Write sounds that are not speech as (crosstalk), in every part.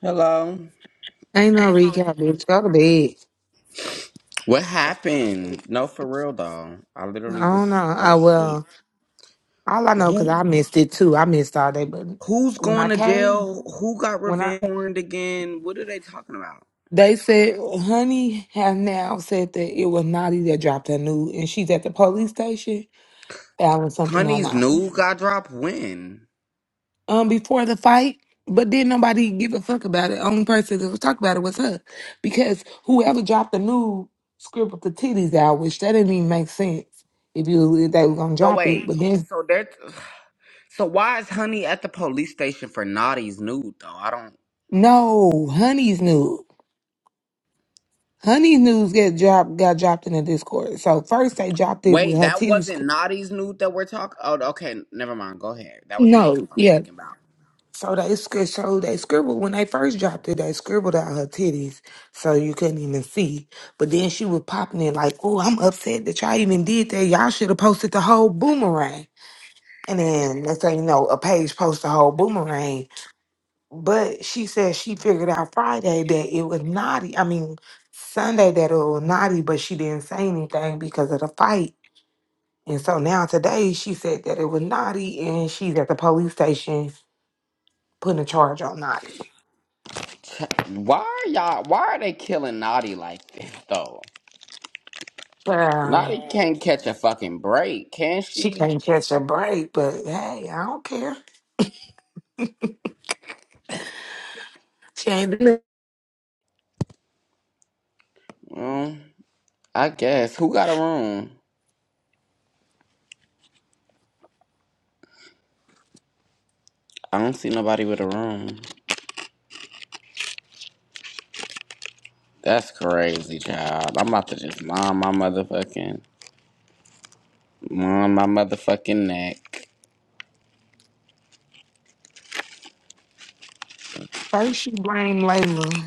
Hello. Ain't no recap, bitch. Go to bed. What happened? No, for real though. I I literally was don't know. I I was asleep. well, all I know Who because I missed it too. I missed all day, but who's when going I to came, jail? Who got when I revenge porned again? What are they talking about? they said, "Honey," has now said that it was Naughty that dropped her nude," and she's at the police station filing something on Honey's Naughty new got dropped when? um before the fight. But then nobody give a fuck about it. Only person that was talking about it was her, because whoever dropped the nude scribbled the titties out, which that didn't even make sense if you if they were gonna So drop it. wait. But then So they're so why is Honey at the police station for Naughty's nude though? I don't No, Honey's news. Honey's news get dropped got dropped in the Discord. So first they dropped it with wait, her that titties. wasn't scr- Naughty's nude that we're talking oh okay, never mind. Go ahead. That was makeup No, I'm yeah. thinking about. So they scri- so they scribbled when they first dropped it. They scribbled out her titties, so you couldn't even see. But then she was popping it like, "Oh, I'm upset that y'all even did that. Y'all should have posted the whole boomerang." And then let's say you know a page post the whole boomerang, But she said she figured out Friday that it was naughty. I mean, Sunday that it was naughty, but she didn't say anything because of the fight. And so now today she said that it was naughty and she's at the police station putting a charge on naughty. Why are y'all why are they killing Naughty like this though? Lottie Well, And can't catch a fucking break, can she she? can't catch a break, but hey, I don't care. She ain't doing it. Mm, I guess. Who got a room? I don't see nobody with a room. That's crazy, child. I'm about to just mom my motherfucking mom my motherfucking neck. First she blamed Layla.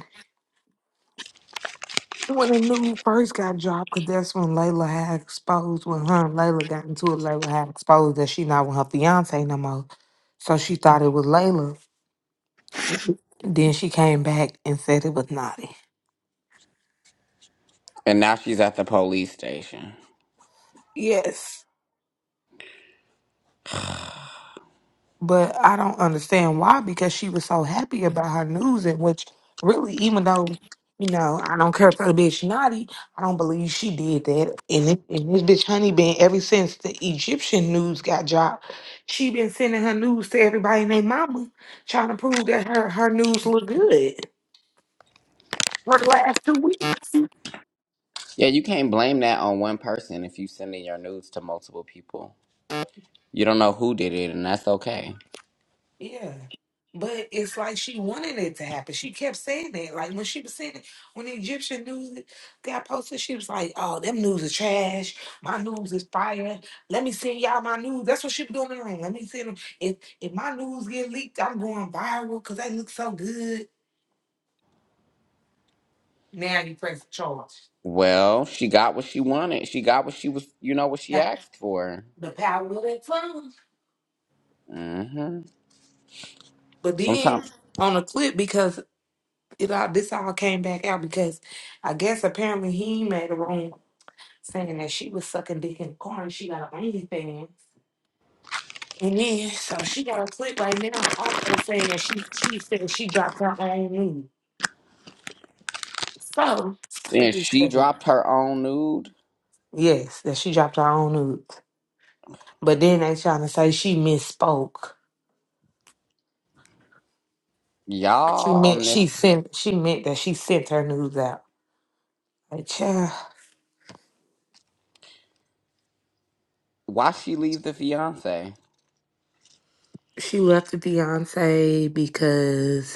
When the news first got dropped, because that's when Layla had exposed, when her and Layla got into it, Layla had exposed that she not with her fiance no more. So she thought it was Layla. Then she came back and said it was Naughty. And now she's at the police station. Yes. But I don't understand why, because she was so happy about her news, and which really, even though, you know, I don't care if her bitch naughty, I don't believe she did that. And, it, and this bitch Honey been ever since the Egyptian news got dropped, she been sending her news to everybody and their mama, trying to prove that her, her news look good for the last two weeks. Yeah, you can't blame that on one person if you sending your nudes to multiple people. You don't know who did it, and that's okay. Yeah. But it's like she wanted it to happen. She kept saying that. Like when she was saying it, when the Egyptian news got posted, she was like, Oh, them news is trash. My news is fire. Let me send y'all my news. That's what she was doing in the room. Let me send them. If if my news get leaked, I'm going viral because they look so good. Now you press charge. Well, she got what she wanted. She got what she was, you know, what she Now, asked for. The power of that phone. Mm-hmm. But then Sometimes. on the clip, because it all this all came back out because I guess apparently he made a room saying that she was sucking dick in the car and she got an OnlyFans. And then, so she got a clip right now also saying that she, she said she dropped her own nude. So, And she dropped her own nude. yes, that she dropped her own nude. But then they trying to say she misspoke. She Y'all on meant this. she sent she meant that she sent her news out. Like, yeah, Why she leave the fiance? she left the Beyonce because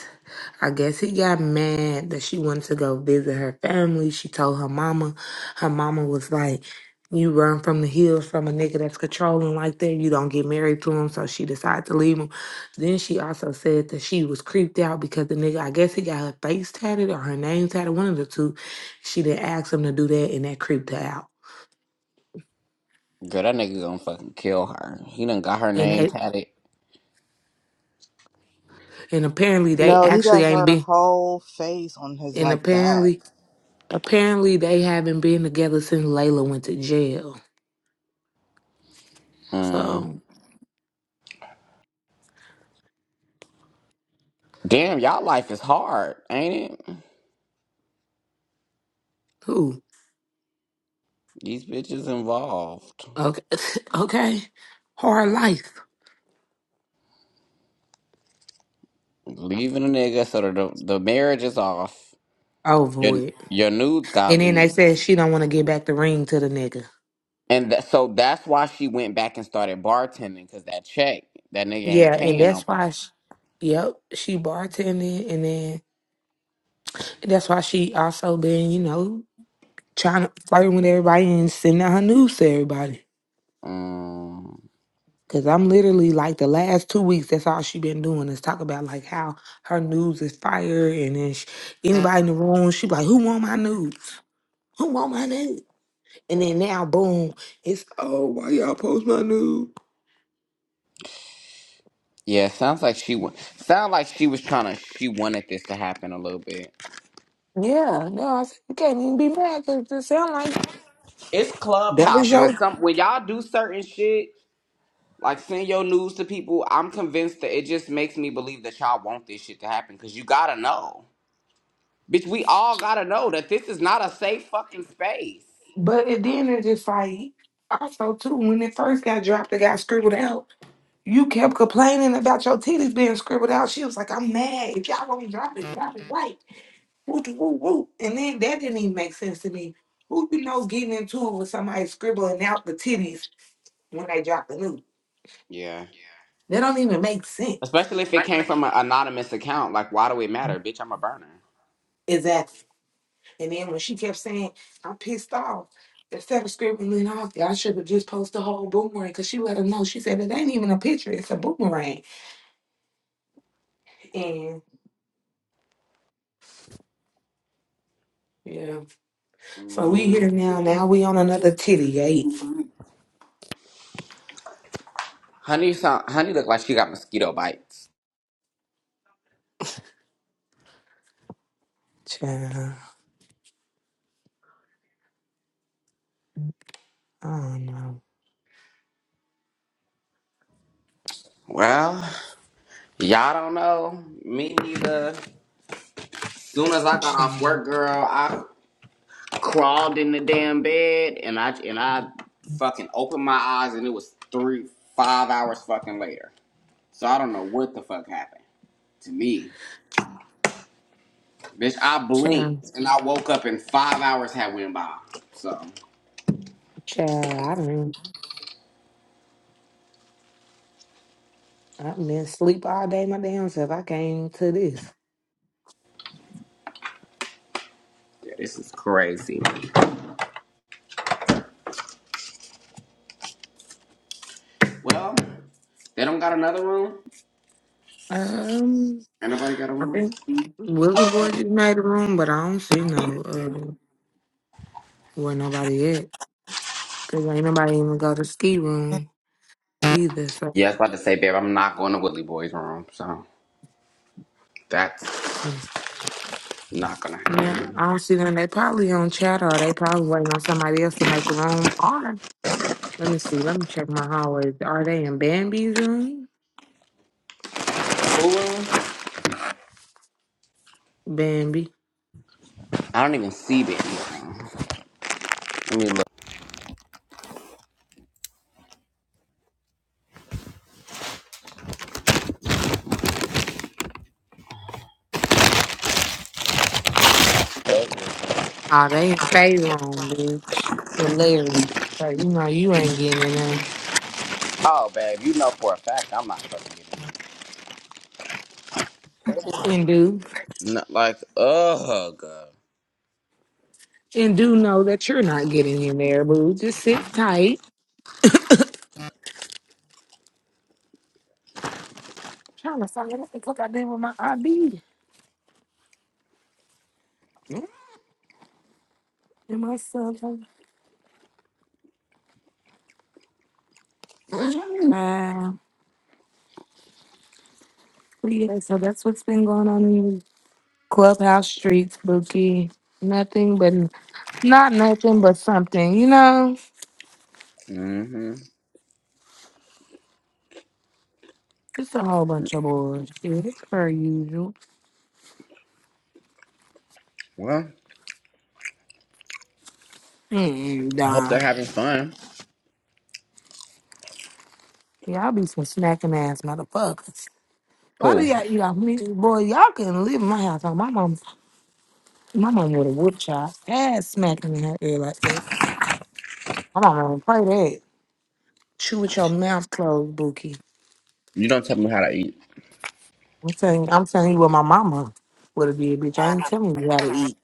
I guess he got mad that she wanted to go visit her family. She told her mama. Her mama was like, You run from the hills from a nigga that's controlling like that. You don't get married to him. So she decided to leave him. Then she also said that she was creeped out because the nigga, I guess he got her face tatted or her name tatted, one of the two. She didn't ask him to do that and that creeped her out. Girl, that nigga gonna fucking kill her. He done got her And name they, tatted. and apparently they No, he actually got ain't her been whole face on his and like back. apparently apparently they haven't been together since Layla went to jail. Mm. So Damn, y'all life is hard, ain't it? who? These bitches involved. Okay. (laughs) okay. Her life Leaving a nigga so that the, the marriage is off. over Your, with. your nudes got And then they leaked. said she don't want to give back the ring to the nigga. And tha- so that's why she went back and started bartending, because that check, that nigga ain't Yeah, and paying that's no. why she, yep, she bartended and then that's why she also been, you know, trying to flirting with everybody and sending out her news to everybody. Mm. Cause I'm literally like the last two weeks, that's all she been doing is talk about like how her news is fire and then she, anybody in the room, she be like, who want my news? Who want my news? And then now, boom, it's oh, why y'all post my nude? Yeah, sounds like she wa- sound like she was trying to. She wanted this to happen a little bit. Yeah, no, I said, you can't even be mad because it sound like It's that was Clubhouse when your. some when y'all do certain shit like send your news to people. I'm convinced that it just makes me believe that y'all want this shit to happen because you gotta know, bitch. We all gotta know that this is not a safe fucking space. But it- then it's just like also too when it first got dropped, it got scribbled out. You kept complaining about your titties being scribbled out. She was like, "I'm mad. If y'all won't drop it, drop it right." Woot woot woot. And then that didn't even make sense to me. Who you know getting into it with somebody scribbling out the titties when they drop the nude? Yeah, That don't even make sense. especially if it came from an anonymous account. Like, why do it matter, bitch? I'm a burner. Exactly. And then when she kept saying, I'm pissed off, the seventh script went off. there. I should have just posted the whole boomerang because she let him know. She said, It ain't even a picture, it's a boomerang. And yeah, so we here Mm. now. Now we on another titty eight. Honey, sound, honey, look like she got mosquito bites. Child, I don't know. Well, y'all don't know. Me neither. Soon as I got off Child, work, girl, I crawled in the damn bed and I and I fucking opened my eyes and it was three five hours fucking later. So I don't know what the fuck happened to me, bitch. I child, blinked and I woke up and five hours had went by. So child. I been, I've been asleep all day, my damn self. I came to this. yeah, this is crazy. Well, they don't got another room. Um, Anybody got a I room? think Willie Boy just made a room, but I don't see no uh, where nobody at. Cause ain't nobody even go to ski room either. So Yeah, I was about to say, babe, I'm not going to Woodley Boy's room, so that's not gonna yeah, happen. I don't see them. They probably on chat or they probably waiting on somebody else to make a room. Or let me see. Let me check my hallways. Are they in Bambi's room? Who room? Bambi. I don't even see Benny. Let me look. Are they in Faye room, bitch? With Larry. So you know you ain't getting in there. Oh, babe, you know for a fact I'm not fucking getting And do it. Not like, ugh. and do know that you're not getting in there, boo. Just sit tight. trying to find out what the fuck I did with my ID and myself. Yeah, so that's what's been going on in Clubhouse streets, Bookie. Nothing but not nothing but something, you know. Mm-hmm. It's a whole bunch of bullshit. It's per usual. Well, And I hope they're uh, having fun. y'all be some snacking ass motherfuckers. Why do Cool. y'all you off me? Boy, y'all couldn't live in my house. Like, my mom my mom would have whooped y'all ass smacking in her ear like that. My mom would play that. Chew with your mouth closed, Bookie. You don't tell me how to eat. I'm saying I'm telling you what my mama would have did, bitch. I ain't telling you how to eat.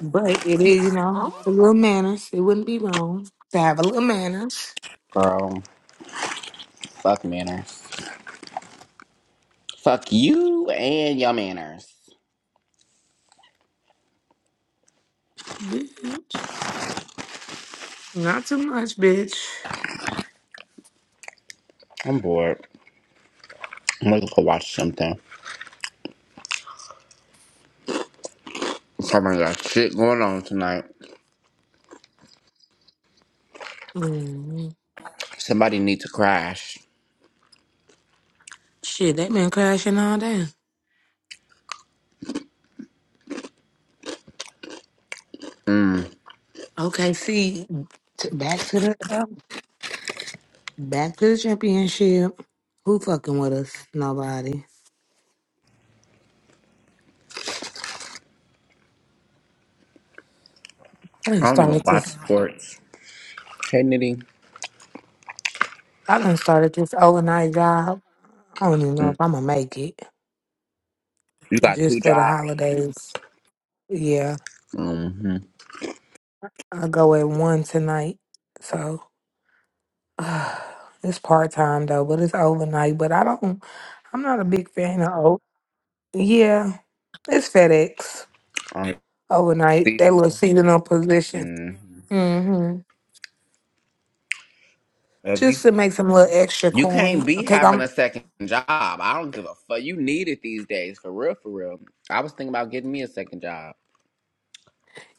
But it is, you know, a little manners. It wouldn't be wrong to have a little manners, Girl, fuck manners. Fuck you and your manners. bitch. Not too much, bitch. I'm bored. I'm gonna go watch something. Somebody got shit going on tonight. Mm, Somebody need to crash. Shit, they been crashing all day. Okay, see, t- back to the um, back to the championship. Who fucking with us? Nobody. I done I don't even started watch this. sports. Hey, Nitty. I done started this overnight job. I don't even know Mm, if I'm gonna make it You got two just for the jobs. holidays. Yeah, Mm-hmm. I go at one tonight, so. (sighs) Uh, It's part time though, but it's overnight. But I don't. I'm not a big fan of. o- Yeah, it's FedEx I'm overnight. That little seasonal. seasonal position. Mm-hmm. hmm If you? Just to make some little extra You can't coin, be cause having I'm. a second job. I don't give a fuck. You need it these days, for real, for real. I was thinking about getting me a second job.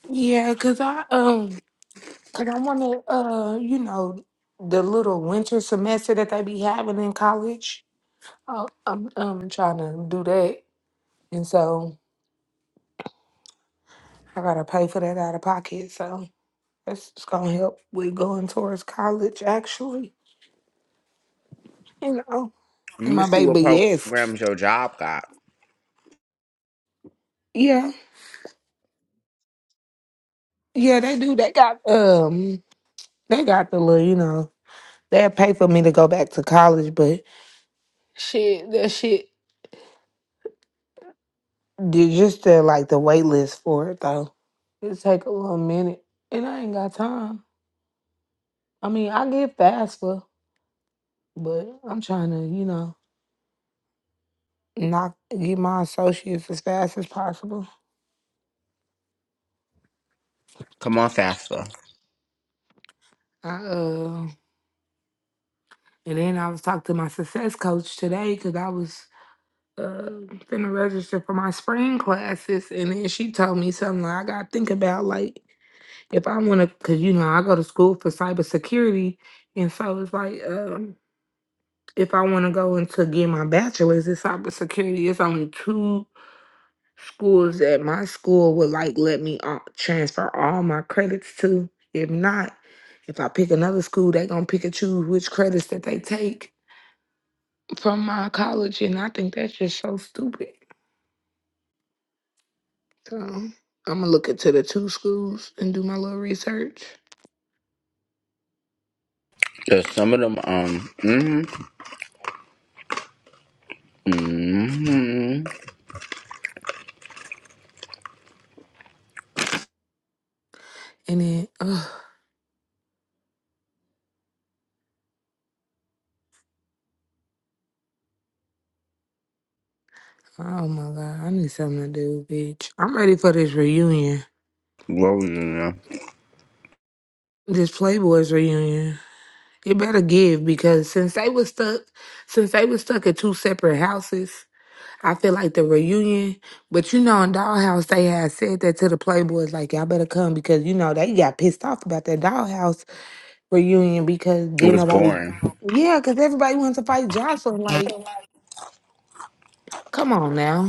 Yeah, cause I um, cause I want to uh, you know, the little winter semester that they be having in college. Oh, I'm I'm trying to do that, and so I gotta pay for that out of pocket. So. That's just gonna help with going towards college, actually. You know, Let and me my see what baby, yes, programs your job got. yeah, yeah, they do. They got um, they got the little, you know, they'll pay for me to go back to college, but shit, that shit, dude, just the like the wait list for it though. It take a little minute, and I ain't got time. I mean, I get FAFSA, but I'm trying to, you know, knock get my associates as fast as possible. Come on faster. I uh. And then I was talking to my success coach today because I was uh, finna register for my spring classes. And then she told me something like, I got to think about, like, if I want to, because, you know, I go to school for cybersecurity. And so it's like, um, if I want to go into get my bachelor's in cybersecurity, it's only two schools that my school would like let me uh, transfer all my credits to. If not, if I pick another school, they going to pick and choose which credits that they take. from my college, and I think that's just so stupid. So I'm gonna look into the two schools and do my little research, Cause some of them, um, mm-hmm, mm-hmm. and then ugh, oh my god, I need something to do, bitch. I'm ready for this reunion, What was it? now? this Playboys reunion. You better give because since they was stuck, since they was stuck at two separate houses, I feel like the reunion. But you know, in Dollhouse, they had said that to the Playboys, like y'all better come because you know they got pissed off about that Dollhouse reunion because It then was nobody boring. yeah because everybody wants to fight jocelyn like come on now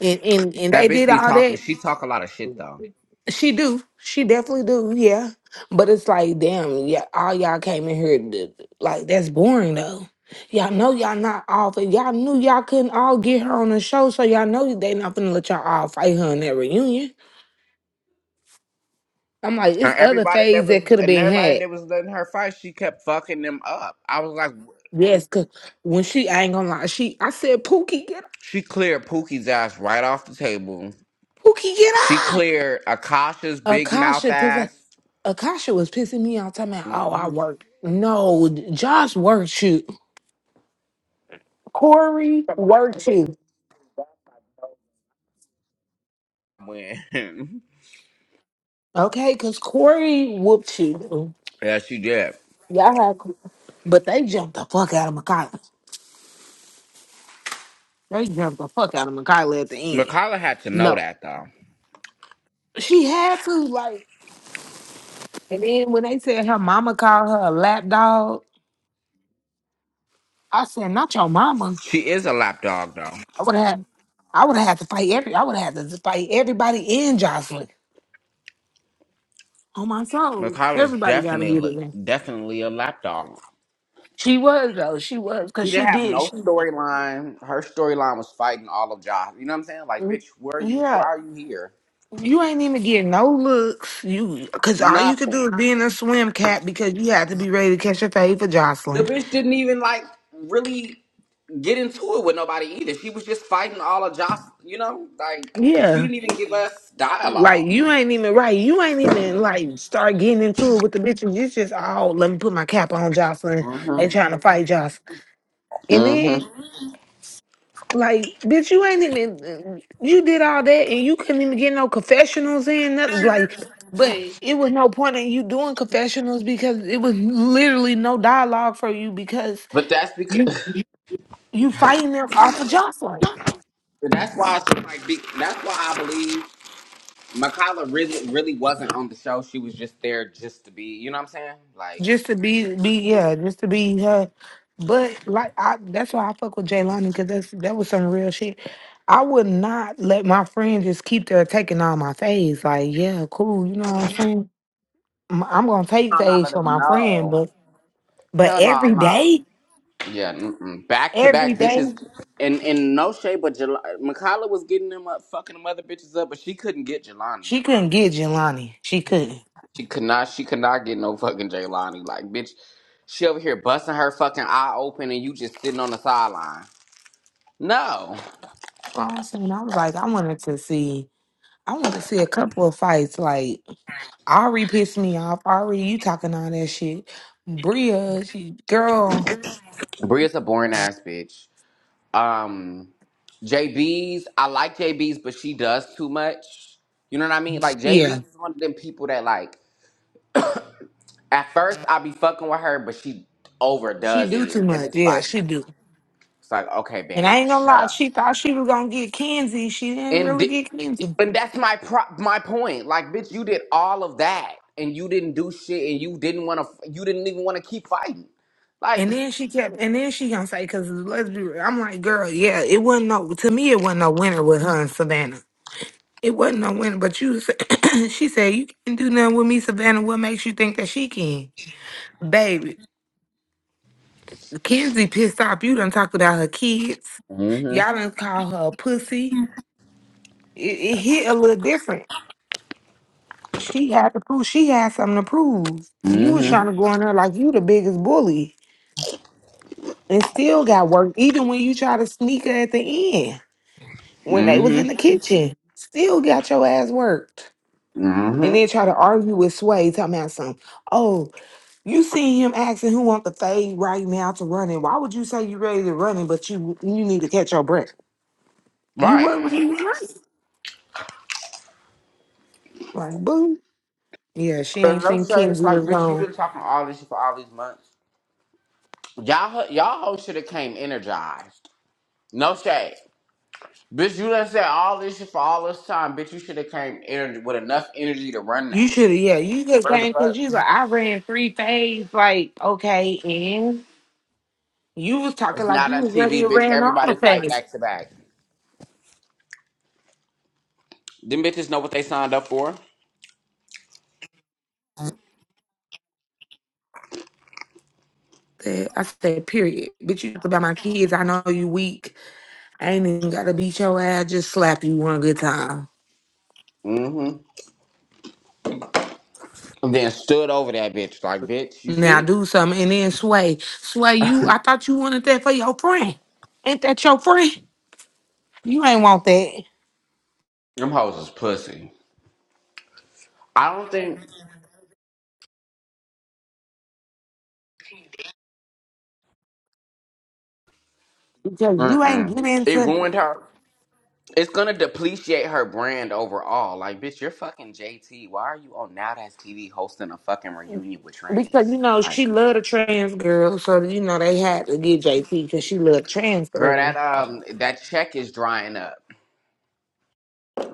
and and and That they bitch did be all talking. that She talk a lot of shit though. she do she definitely do yeah but it's like damn yeah all y'all came in here to, like that's boring though y'all know y'all not off and y'all knew y'all couldn't all get her on the show so y'all know they not finna let y'all all fight her in that reunion i'm like And it's other everybody that phase was that could have and been everybody had that was letting her fight, she kept fucking them up. I was like, yes because when she I ain't gonna lie she i said pookie get up she cleared Pookie's ass right off the table. pookie get She up cleared Akasha's big mouth Akasha, because ass. Akasha was pissing me off talking about, oh, I hmm work. No, Josh worked you. Corey worked you. When (laughs) Okay, because Corey whooped you. yeah, she did. Y'all had, but they jumped the fuck out of Makayla. They jumped the fuck out of Makayla at the end. Mikala had to know No, that though. she had to, like, and then when they said her mama called her a lap dog, I said, not your mama. She is a lapdog though. I would have, I would have had to fight every, I would have had to fight everybody in Jocelyn. On my soul, Mikala's everybody got to get it, definitely man. definitely a lapdog. She was though. She was because She she didn't have did. no She, storyline. Her storyline was fighting all of Josh. You know what I'm saying? Like, Mm, bitch, where are you? Why yeah. are you here? You ain't even get no looks. You because all you could do Nothing. is be in a swim cap because you had to be ready to catch a fade for The Jocelyn. bitch didn't even like really get into it with nobody either. She was just fighting all of Josh. You know, like, bitch, you Yeah. didn't even give us dialogue. Like you ain't even right. You ain't even like start getting into it with the bitches. It's just oh, let me put my cap on Jocelyn and hmm trying to fight Jocelyn. And hmm then Like, bitch, you ain't even you did all that and you couldn't even get no confessionals in, nothing like but it was no point in you doing confessionals because it was literally no dialogue for you because But that's because you (sighs) you fighting them off of Jocelyn. but that's why I feel like be, that's why I believe Makala really really wasn't on the show. She was just there just to be. You know what I'm saying? Like Just to be be yeah, just to be her. But like I that's why I fuck with Jay because that's that was some real shit. I would not let my friend just keep there taking all my phase. Like, yeah, cool, you know what I'm saying? I'm I'm gonna take I'm not phase letting for them my friend, know. but But Hell no, every I'm not. day, Yeah, back to every back day, bitches. And in no shape, but Jel- Makala was getting them up, fucking them other bitches up, but she couldn't get Jelani. she couldn't get Jelani. She couldn't. She could not. She could not get no fucking Jelani. Like bitch, she over here busting her fucking eye open, and you just sitting on the sideline. No. Well, I'm saying I was like, I wanted to see. I wanted to see a couple of fights. Like Ari pissed me off. Ari, you talking all that shit. Bria, she girl, Bria's a boring ass bitch. Um, J B's, I like J B's, but she does too much. You know what I mean? Like yeah, JB's is one of them people that like at first I be fucking with her, but she she overdoes do it, too and then much. it's Yeah, like she do. it's like okay, And I babe, ain't gonna shut lie, up. she thought she was gonna get Kenzie. She didn't And really di- get Kenzie. and that's my pro- my point. Like, bitch, you did all of that, and you didn't do shit, and you didn't want to, you didn't even want to keep fighting. Like, And then she kept, and then she gonna say, "Cause let's be real." I'm like, "Girl, yeah, it wasn't no. To me, it wasn't no winner with her and Savannah." It wasn't no winner, but you. Said, (coughs) (clears throat) she said you can't do nothing with me, Savannah. What makes you think that she can, baby? Kenzie pissed off. You done talked about her kids. mm-hmm, Y'all done call her a pussy. It, it hit a little different. She had to prove she had something to prove. You was trying to go in mm-hmm, there like you the biggest bully, and still got work. Even when you try to sneak her at the end, when they was in the mm-hmm, kitchen, still got your ass worked. And mm-hmm. then try to argue with Sway, talking about something. Oh, You see him asking who want the fade right now to run in. Why would you say you ready to run in, but you you need to catch your breath? You weren't Right. ready to run. it. Like, boo. Yeah, she Cause ain't no think shade, it's Kenzie like, was bitch, you gone. been talking all this shit for all these months. Y'all, ho- y'all whole should have came energized. No shade, bitch, you done said all this shit for all this time, bitch. You should have came energy with enough energy to run You that. should have, yeah, you just Where the came because fuck? you like, I ran three fades. Like, okay, and you was It's talking like not you us was ready TV, to bitch. ran all Everybody the fight fades. back to back. Them bitches know what they signed up for. Said- I said, period. Bitch, you talk about my kids. I know you weak. I ain't even got to beat your ass. Just slap you one good time. Mm-hmm. And then stood over that bitch like, bitch, you Now see? do something. And then Sway, Sway, you, I thought you wanted that for your friend. Ain't that your friend? You ain't want that Them hoes is pussy. I don't think. because you ain't Mm-mm. get It into ruined her. It's gonna depreciate her brand overall. Like, bitch, you're fucking JT. Why are you on Now That's TV hosting a fucking reunion with because you trannies? know she Like, loved a trans girl, so you know they had to get JP because she loved trans girl, that girl. um, that check is drying up.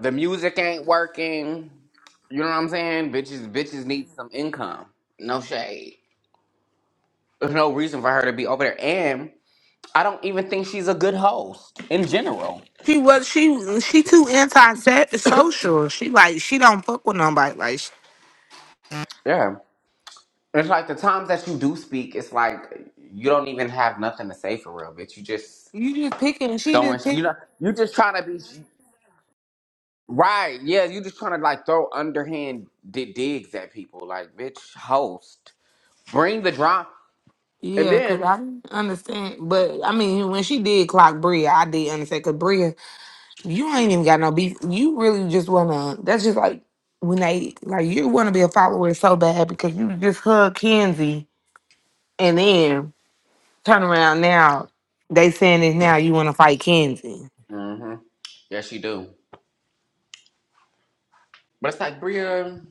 The music ain't working. You know what I'm saying? Bitches, bitches need some income. No shade. There's no reason for her to be over there. And I don't even think she's a good host in general. She was she she too anti-social. She like she don't fuck with nobody. Like sh- Yeah. It's like the times that you do speak, it's like you don't even have nothing to say for real, bitch. You just you just picking. She throwing. just pick. You know, you just trying to be right. Yeah, you just trying to like throw underhand di- digs at people. Like, bitch, host, bring the drop, and Yeah, cause then. I understand, but I mean when she did clock Bria, I did understand. Cause Bria You ain't even got no beef. You really just wanna. That's just like when they like you want to be a follower so bad because you just hug Kenzie and then turn around now. They saying this now. You want to fight Kenzie. mm hmm Yes, you do. But it's like Bria.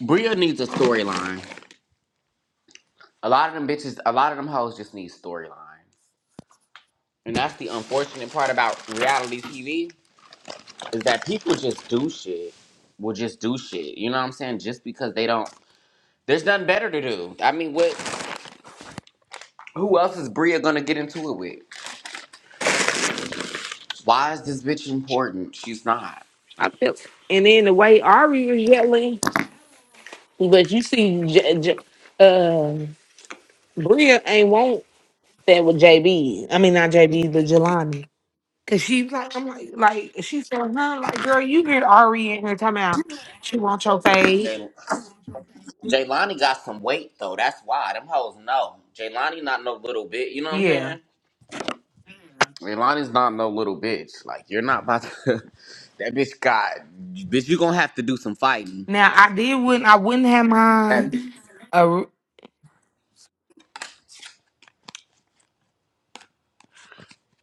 Bria needs a storyline. A lot of them bitches, a lot of them hoes just need storylines. And that's the unfortunate part about reality TV is that people just do shit. Will just do shit. You know what I'm saying? Just because they don't. There's nothing better to do. I mean, what? Who else is Bria gonna get into it with? Why is this bitch important? She's not. I feel. And then the way Ari was yelling, but you see, J- J- uh, Bria ain't want that with JB. I mean, not JB, but Jelani. Cause she's like, I'm like, like she's telling her, like, girl, you heard Ari in here talking about she wants your fade. Jay- Jaylani got some weight though. That's why them hoes know. Jaylani not no little bitch. You know what I'm Yeah. saying? Jaylani's not no little bitch. Like you're not about to. (laughs) that bitch got. Bitch, you gonna have to do some fighting. Now I did wouldn't I wouldn't have That mine. Uh,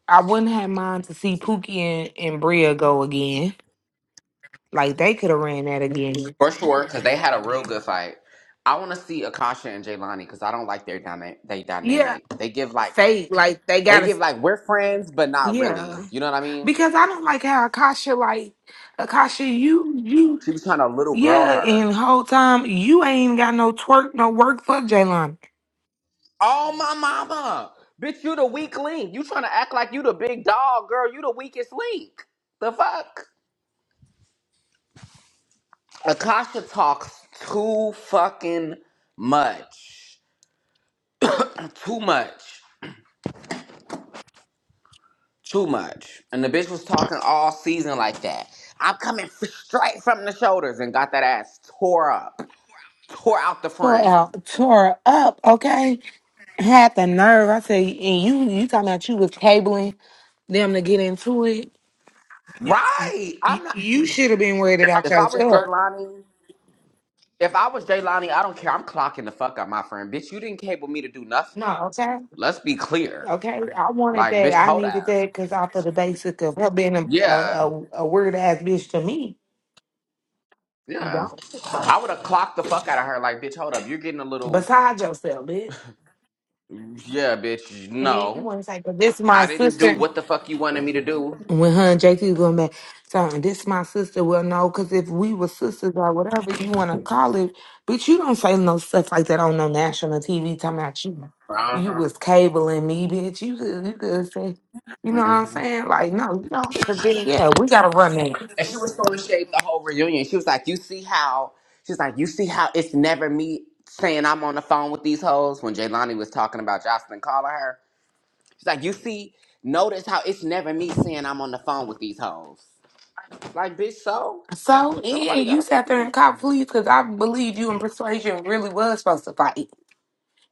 I wouldn't have mine to see Pookie and, and Bria go again. Like they could have ran that again. For sure, cause they had a real good fight. I want to see Akasha and Jaylani because I don't like their dyna- they Yeah, dynamic. They give like fake. Like they got they to. give like we're friends, but not really. Yeah, You know what I mean? because I don't like how Akasha like Akasha. You you She was trying to little girl yeah. her. And whole time you ain't even got no twerk, no work for Jaylon. Oh my mama. Bitch, you the weak link. You trying to act like you the big dog, girl. You the weakest link. The fuck? Akasha talks too fucking much. Too much. Too much. And the bitch was talking all season like that. I'm coming f- straight from the shoulders and got that ass tore up. Tore out the Tore frame. out, tore up. Okay, had the nerve. I say, and you you talking about you was cabling them to get into it. Right. You, I'm not you should have been worried about if I was yourself. Jaylani. If I was Jaylani, I don't care. I'm clocking the fuck out, my friend. Bitch, you didn't cable me to do nothing. No, okay, Let's be clear. okay. I wanted Like, that. bitch, I hold needed up. that because off of the basic of her being a a, Yeah. a, a weird ass bitch to me. Yeah. Don't I would have clocked the fuck out of her. Like, bitch, hold up. You're getting a little. beside yourself, bitch. Yeah, bitch. And then you No. want to say, "But this is my I didn't do sister." what the fuck you wanted me to do. when her and JT was going back, saying this my sister. Well, no, because if we were sisters or whatever you want to call it, but you don't say no stuff like that on no national TV talking about you. Uh You huh. was cabling me, bitch. You could, you could say, you know what I'm hmm saying? Like, no, you don't. Because then, yeah, we got to run that. And she was throwing shade the whole reunion. She was like, "You see how?" She's like, "You see how it's never me saying I'm on the phone with these hoes." When Jaylani was talking about Jocelyn calling her, She's like, you see, notice how it's never me saying I'm on the phone with these hoes. Like, bitch, so? So, Don't yeah, nobody got you a sat there and fucking... cop police because I believe you and Persuasion really was supposed to fight.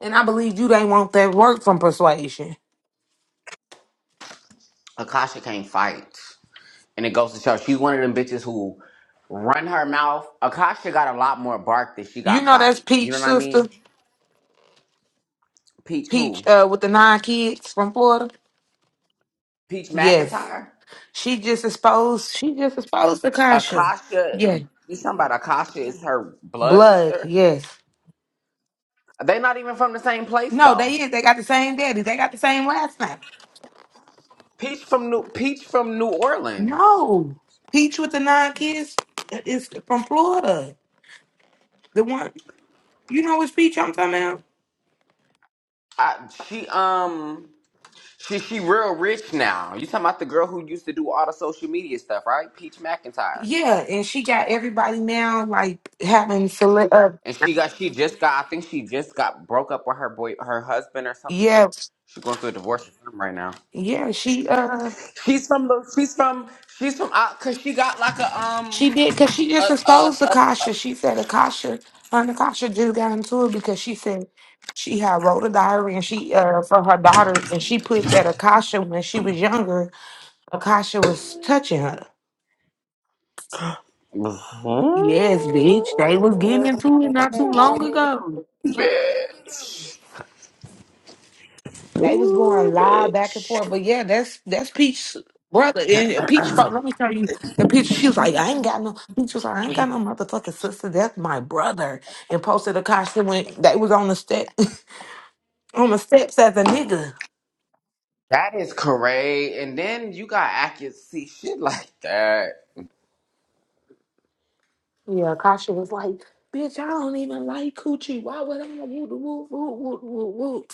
And I believe you didn't want that work from Persuasion. Akasha can't fight. And it goes to show, she's one of them bitches who run her mouth. Akasha got a lot more bark than she You got know bite. that's You Peach know what I sister, mean? Peach Peach who? uh, with the nine kids from Florida. Peach Yes. McIntyre? She just exposed she just exposed Akasha. Akasha, Yeah. you talking about Akasha is her blood Blood, sister? yes. They not even from the same place No, though. they is. They got the same daddy. They got the same last name. Peach from New Peach from New Orleans. No. Peach with the nine kids is from Florida. The one you know which peach I'm talking about? I, she um She she real rich now. You talking about the girl who used to do all the social media stuff, right? Peach McIntyre. Yeah, and she got everybody now like having select uh And she got she just got I think she just got broke up with her boy her husband or something. yeah. She going through a divorce or something right now. Yeah, she uh She's from the she's from she's from out cause she got like a um She did because she just a a, exposed a, Akasha. She said Akasha, her and Akasha just got into it because she said she had wrote a diary and she uh for her daughters and she put that Akasha when she was younger, Akasha was touching her. (laughs) a Yes, bitch. They was getting into it not too long ago. bitch. They was Ooh, going live back and bitch. forth. But yeah, that's that's Peach brother. And Peach fo- let me tell you the Peach she was like, I ain't got no Peach was like, I ain't got no motherfucking sister. That's my brother and posted a costume when they was on the step. on the steps as a nigga. That is correct. And then you got accuracy shit like that. Yeah, Kasha was like, bitch, I don't even like coochie. Why would I whoop whoop whoop whoop whoop whoop?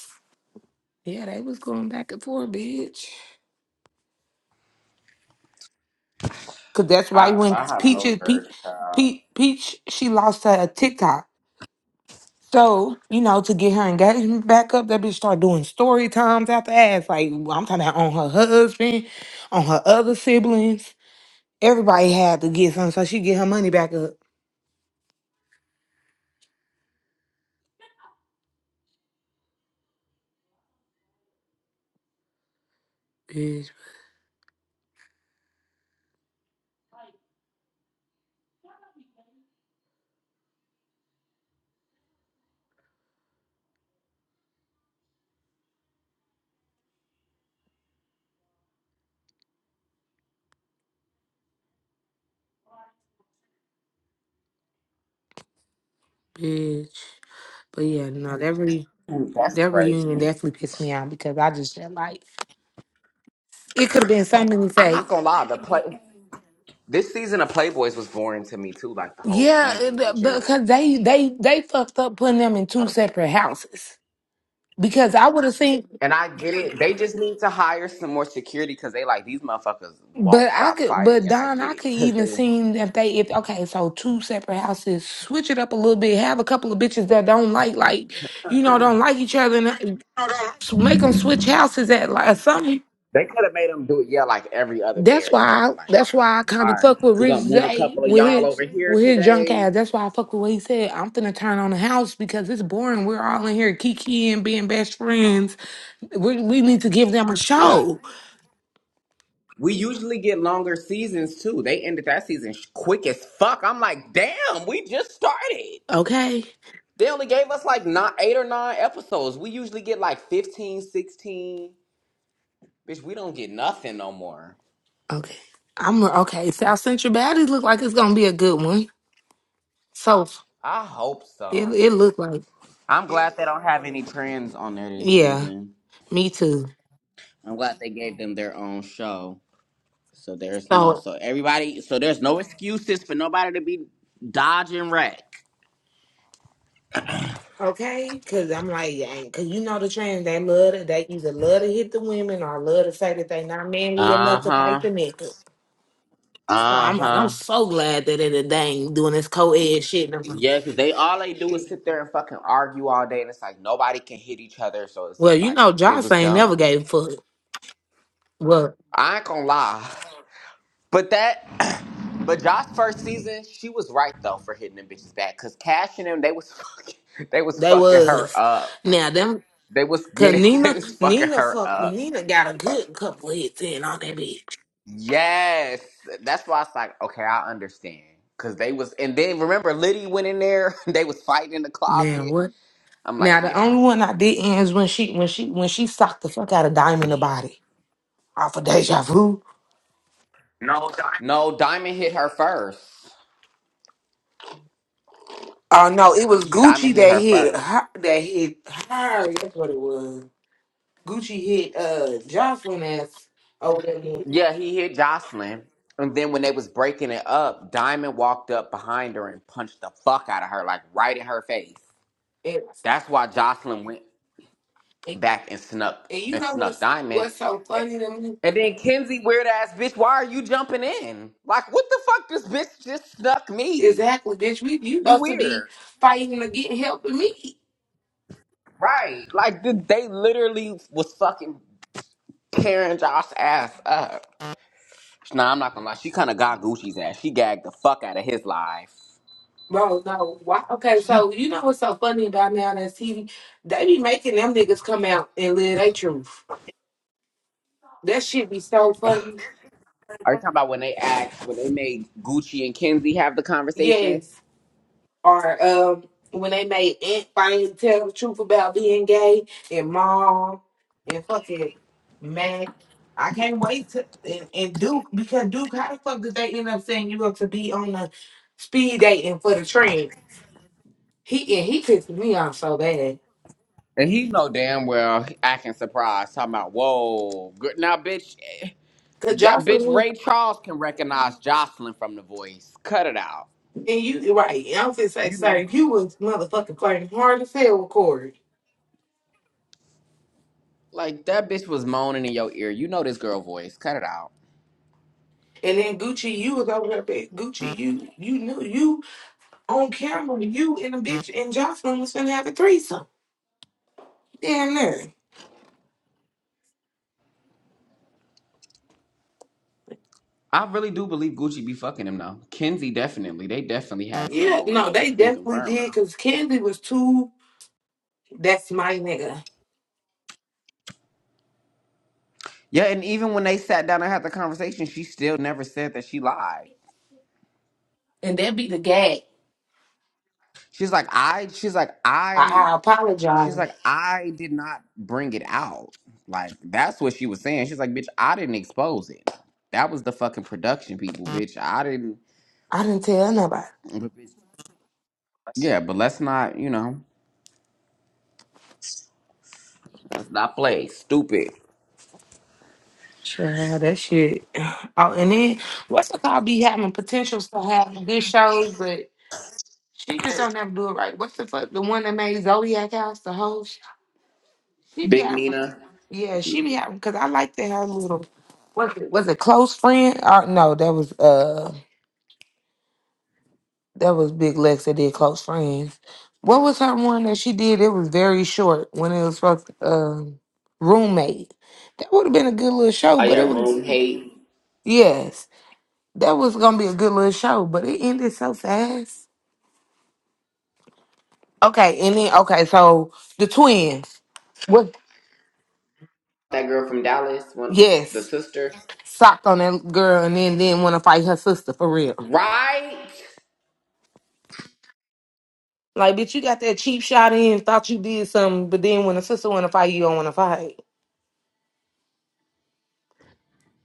Yeah, they was going back and forth, bitch. Cause that's right I when I have Peach no Peach gird. child. Peach, Peach she lost her TikTok. So, you know, to get her engagement back up, that bitch start doing story times after ass. Like I'm talking about on her husband, on her other siblings. Everybody had to get something so she get her money back up. Bitch, bitch. But yeah, no, that really Ooh, That's That reunion crazy. definitely pissed me out because I just felt like it could have been so many I'm not fakes. gonna lie. The play this season of Playboys was boring to me too. Like the whole Yeah, season in it- general. because they they they fucked up putting them in two separate houses. Because I would have seen, And I get it. They just need to hire some more security because they like these motherfuckers won't but I stop could, fighting. but And I Don, get I it could because even they seen if they if okay, so two separate houses, switch it up a little bit, have a couple of bitches that don't like like you know don't like each other, and uh, s- make them switch houses at like or something they could have made them do it. Yeah, like every other day That's or why. I, something. Like that's why I kind all of right, fuck with we're gonna Rich move a J couple of with y'all his over here with his junk today. ass. That's why I fuck with what he said. I'm finna turn on the house because it's boring. We're all in here kiki and being best friends. We we need to give them a Yeah. show. We usually get longer seasons too. They ended that season sh- quick as fuck. I'm like, damn, we just started. Okay. They only gave us like not eight or nine episodes. We usually get like 15, 16. Bitch, we don't get nothing no more. Okay. I'm okay. South Central Baddies look like it's gonna be a good one. So I hope it so. it looked like I'm glad they don't have any trends on there this yeah. season. Me too. I'm glad they gave them their own show. So there's no So so everybody so there's no excuses for nobody to be dodging wreck. Okay, cause I'm like, yeah, cause you know the trans they love to, they either love to hit the women or love to say that they not manly enough to fight Uh-huh. the men. So I'm like, I'm Uh-huh. so glad that it they ain't doing this co-ed shit. no more. Yeah, 'cause they all they do is sit there and fucking argue all day, and it's like nobody can hit each other, so it's Well, you like know, it Josh was ain't never dumb. gave a fuck. Well, I ain't gonna lie, (laughs) but that, (clears throat) but Josh's first season, she was right though for hitting them bitches back, 'cause Cash and them they was (laughs) fucking, they was they fucking her was up. now them. They was Cause getting, (laughs) they Nina, was fucking Nina her fuck, up. Nina got a good couple hits in on that bitch. Yes, that's why it's like okay, I understand, 'cause they was, and then remember Liddy went in there, (laughs) they was fighting in the Man, closet. what? I'm like, Now the yeah, only one I did is when she, when she, when she socked the fuck out of Diamond the body off of Deja Vu. no, Diamond hit her first. Oh no, it was Diamond Gucci hit that her hit first. her, that hit her. That's what it was. Gucci hit uh Jocelyn ass over there. And, Yeah, he hit Jocelyn. And then when they was breaking it up, Diamond walked up behind her and punched the fuck out of her, like right in her face. and, That's why Jocelyn went and back and snuck you and know snuck what's Diamond. what's so funny to me? And then Kenzie, weird ass bitch, why are you jumping in? Like, what the fuck? This bitch just snuck me. Exactly, bitch. We you You supposed to be weird, fighting to get help with me. right? Like, th- they literally was fucking tearing Josh's ass up. Nah, I'm not gonna lie. She kind of got Gucci's ass. She gagged the fuck out of his life. Bro, no. Why okay, She so you know what's so funny about now that TV? They be making them niggas come out and live their truth. That shit be so funny. are you talking about when they asked when they made Gucci and Kenzie have the conversation? Yes. or um when they made Aunt finally tell the truth about being gay and mom and fucking Mac. I can't wait to and, and Duke because Duke, how the fuck did they end up saying you up to be on the speed dating for the trend? He and he pissed me off so bad. And he know damn well acting surprised, talking about whoa, good now, bitch, eh, Cause J- Joshua bitch. was Ray Charles can recognize Jocelyn from The Voice. Cut it out. and you right, I'm just say You know, sorry, you was motherfucking flirting hard as hell with Corey. like that bitch was moaning in your ear. You know this girl voice. Cut it out. And then Gucci, you was over there, but Gucci, you you knew you on camera, you and the bitch and Jocelyn was finna have a threesome. Damn near. I really do believe Gucci be fucking him though. Kenzie definitely. They definitely had something Yeah, going no, on. they That's been definitely confirmed did though. because Candy was too. That's my nigga, Yeah, and even when they sat down and had the conversation, she still never said that she lied. and that be the gag. She's like, I, she's like, I, I, I she's apologize. like, I did not bring it out. Like, that's what she was saying. She's like, bitch, I didn't expose it. That was the fucking production people, bitch. I didn't. I didn't tell nobody. but bitch- Yeah, but let's not, you know, let's not play. Stupid. Child, that shit. (sighs) Oh, and then what's the call be having potentials for having good shows, but she just don't never do it right. What's the fuck? The one that made Zodiac House the host. She be Big having, Nina. yeah, she be having because I liked that her little was it was it close friend or no? That was uh that was Big Lex that did close friends. What was her one that she did? It was very short when it was supposed to, um roommate. That would have been a good little show, Oh, but yeah, it was Room Hate. yes, that was gonna be a good little show, but it ended so fast. Okay, and then okay, so the twins. What? That girl from Dallas, one, the Yes, sister. socked on that girl, and then didn't want to fight her sister for real. Right? Like, bitch, you got that cheap shot in, thought you did something, but then when a sister want to fight, you don't want to fight.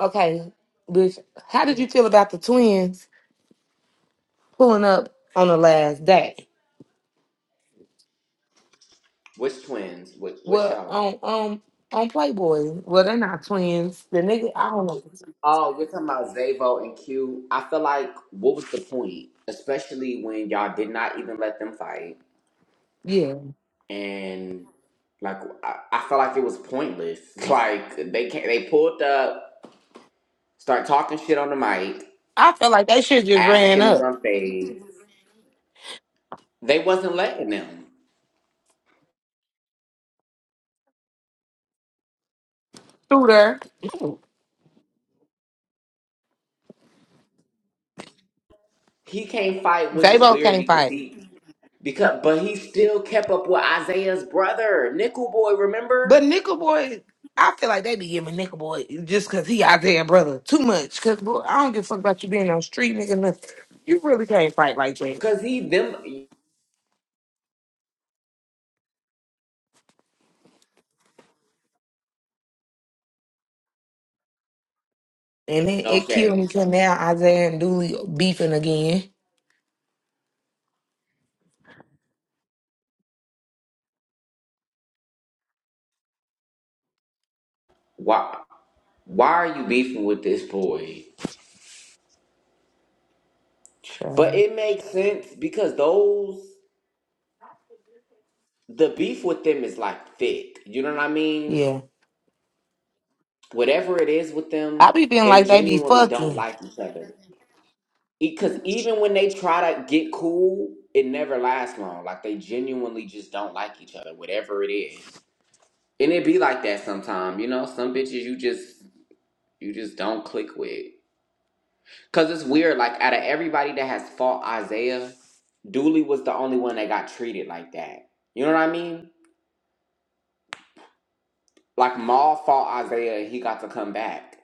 Okay, bitch, how did you feel about the twins pulling up on the last day? Which twins? Which, which Well, show? on um on Playboy. Well, they're not twins. The nigga, I don't know. Oh, you're talking about Zavo and Q. I feel like what was the point? Especially when y'all did not even let them fight. Yeah, And like I, I felt like it was pointless. (laughs) Like they can they pulled up, start talking shit on the mic, I feel like they should just ran asking to up run fades. They wasn't letting them. through there. He can't fight, which They is both weird can't because fight. he because but he still kept up with Isaiah's brother, Nickel Boy, But remember? Nickel Boy, I feel like they be giving Nickel Boy just because he out there, brother, too much. Because I don't give a fuck about you being on street, nigga. Nothing. You really can't fight like that. Cause he them And it, no it killed shade. me because now Isaiah and Dooley beefing again. why why are you beefing with this boy? But Child. it makes sense because those the beef with them is like thick. You know what I mean? Yeah. Whatever it is with them, I be feeling they like they be genuinely don't fucking. like each other. Because even when they try to get cool, it never lasts long. Like they genuinely just don't like each other, whatever it is. And it be like that sometime, you know. Some bitches you just you just don't click with. Cause it's weird, like out of everybody that has fought Isaiah, Dooley was the only one that got treated like that. You know what I mean? Like Maul fought Isaiah and he got to come back.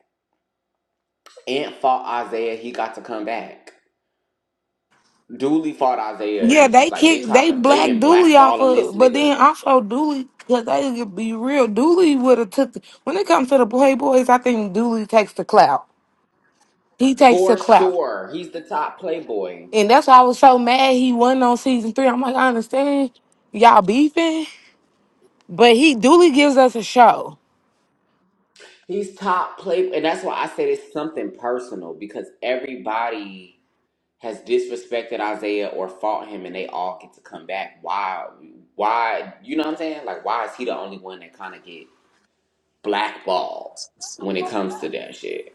Ant fought Isaiah, he got to come back. Dooley fought Isaiah and Yeah, it's just they like they kick, tried they to they've black been Dooley off blackballing this of, but nigga. then also Dooley, because they could be real. Dooley would have took, when it comes to the Playboys, I think Dooley takes the clout. He takes the For clout. sure. He's the top playboy. And that's why I was so mad he wasn't on season three. I'm like, I understand y'all beefing, but he duly gives us a show. He's top play and that's why I said it's something personal because everybody has disrespected Isaiah or fought him and they all get to come back, why why you know what I'm saying? Like why is he the only one that kinda get blackballed when it comes to that shit?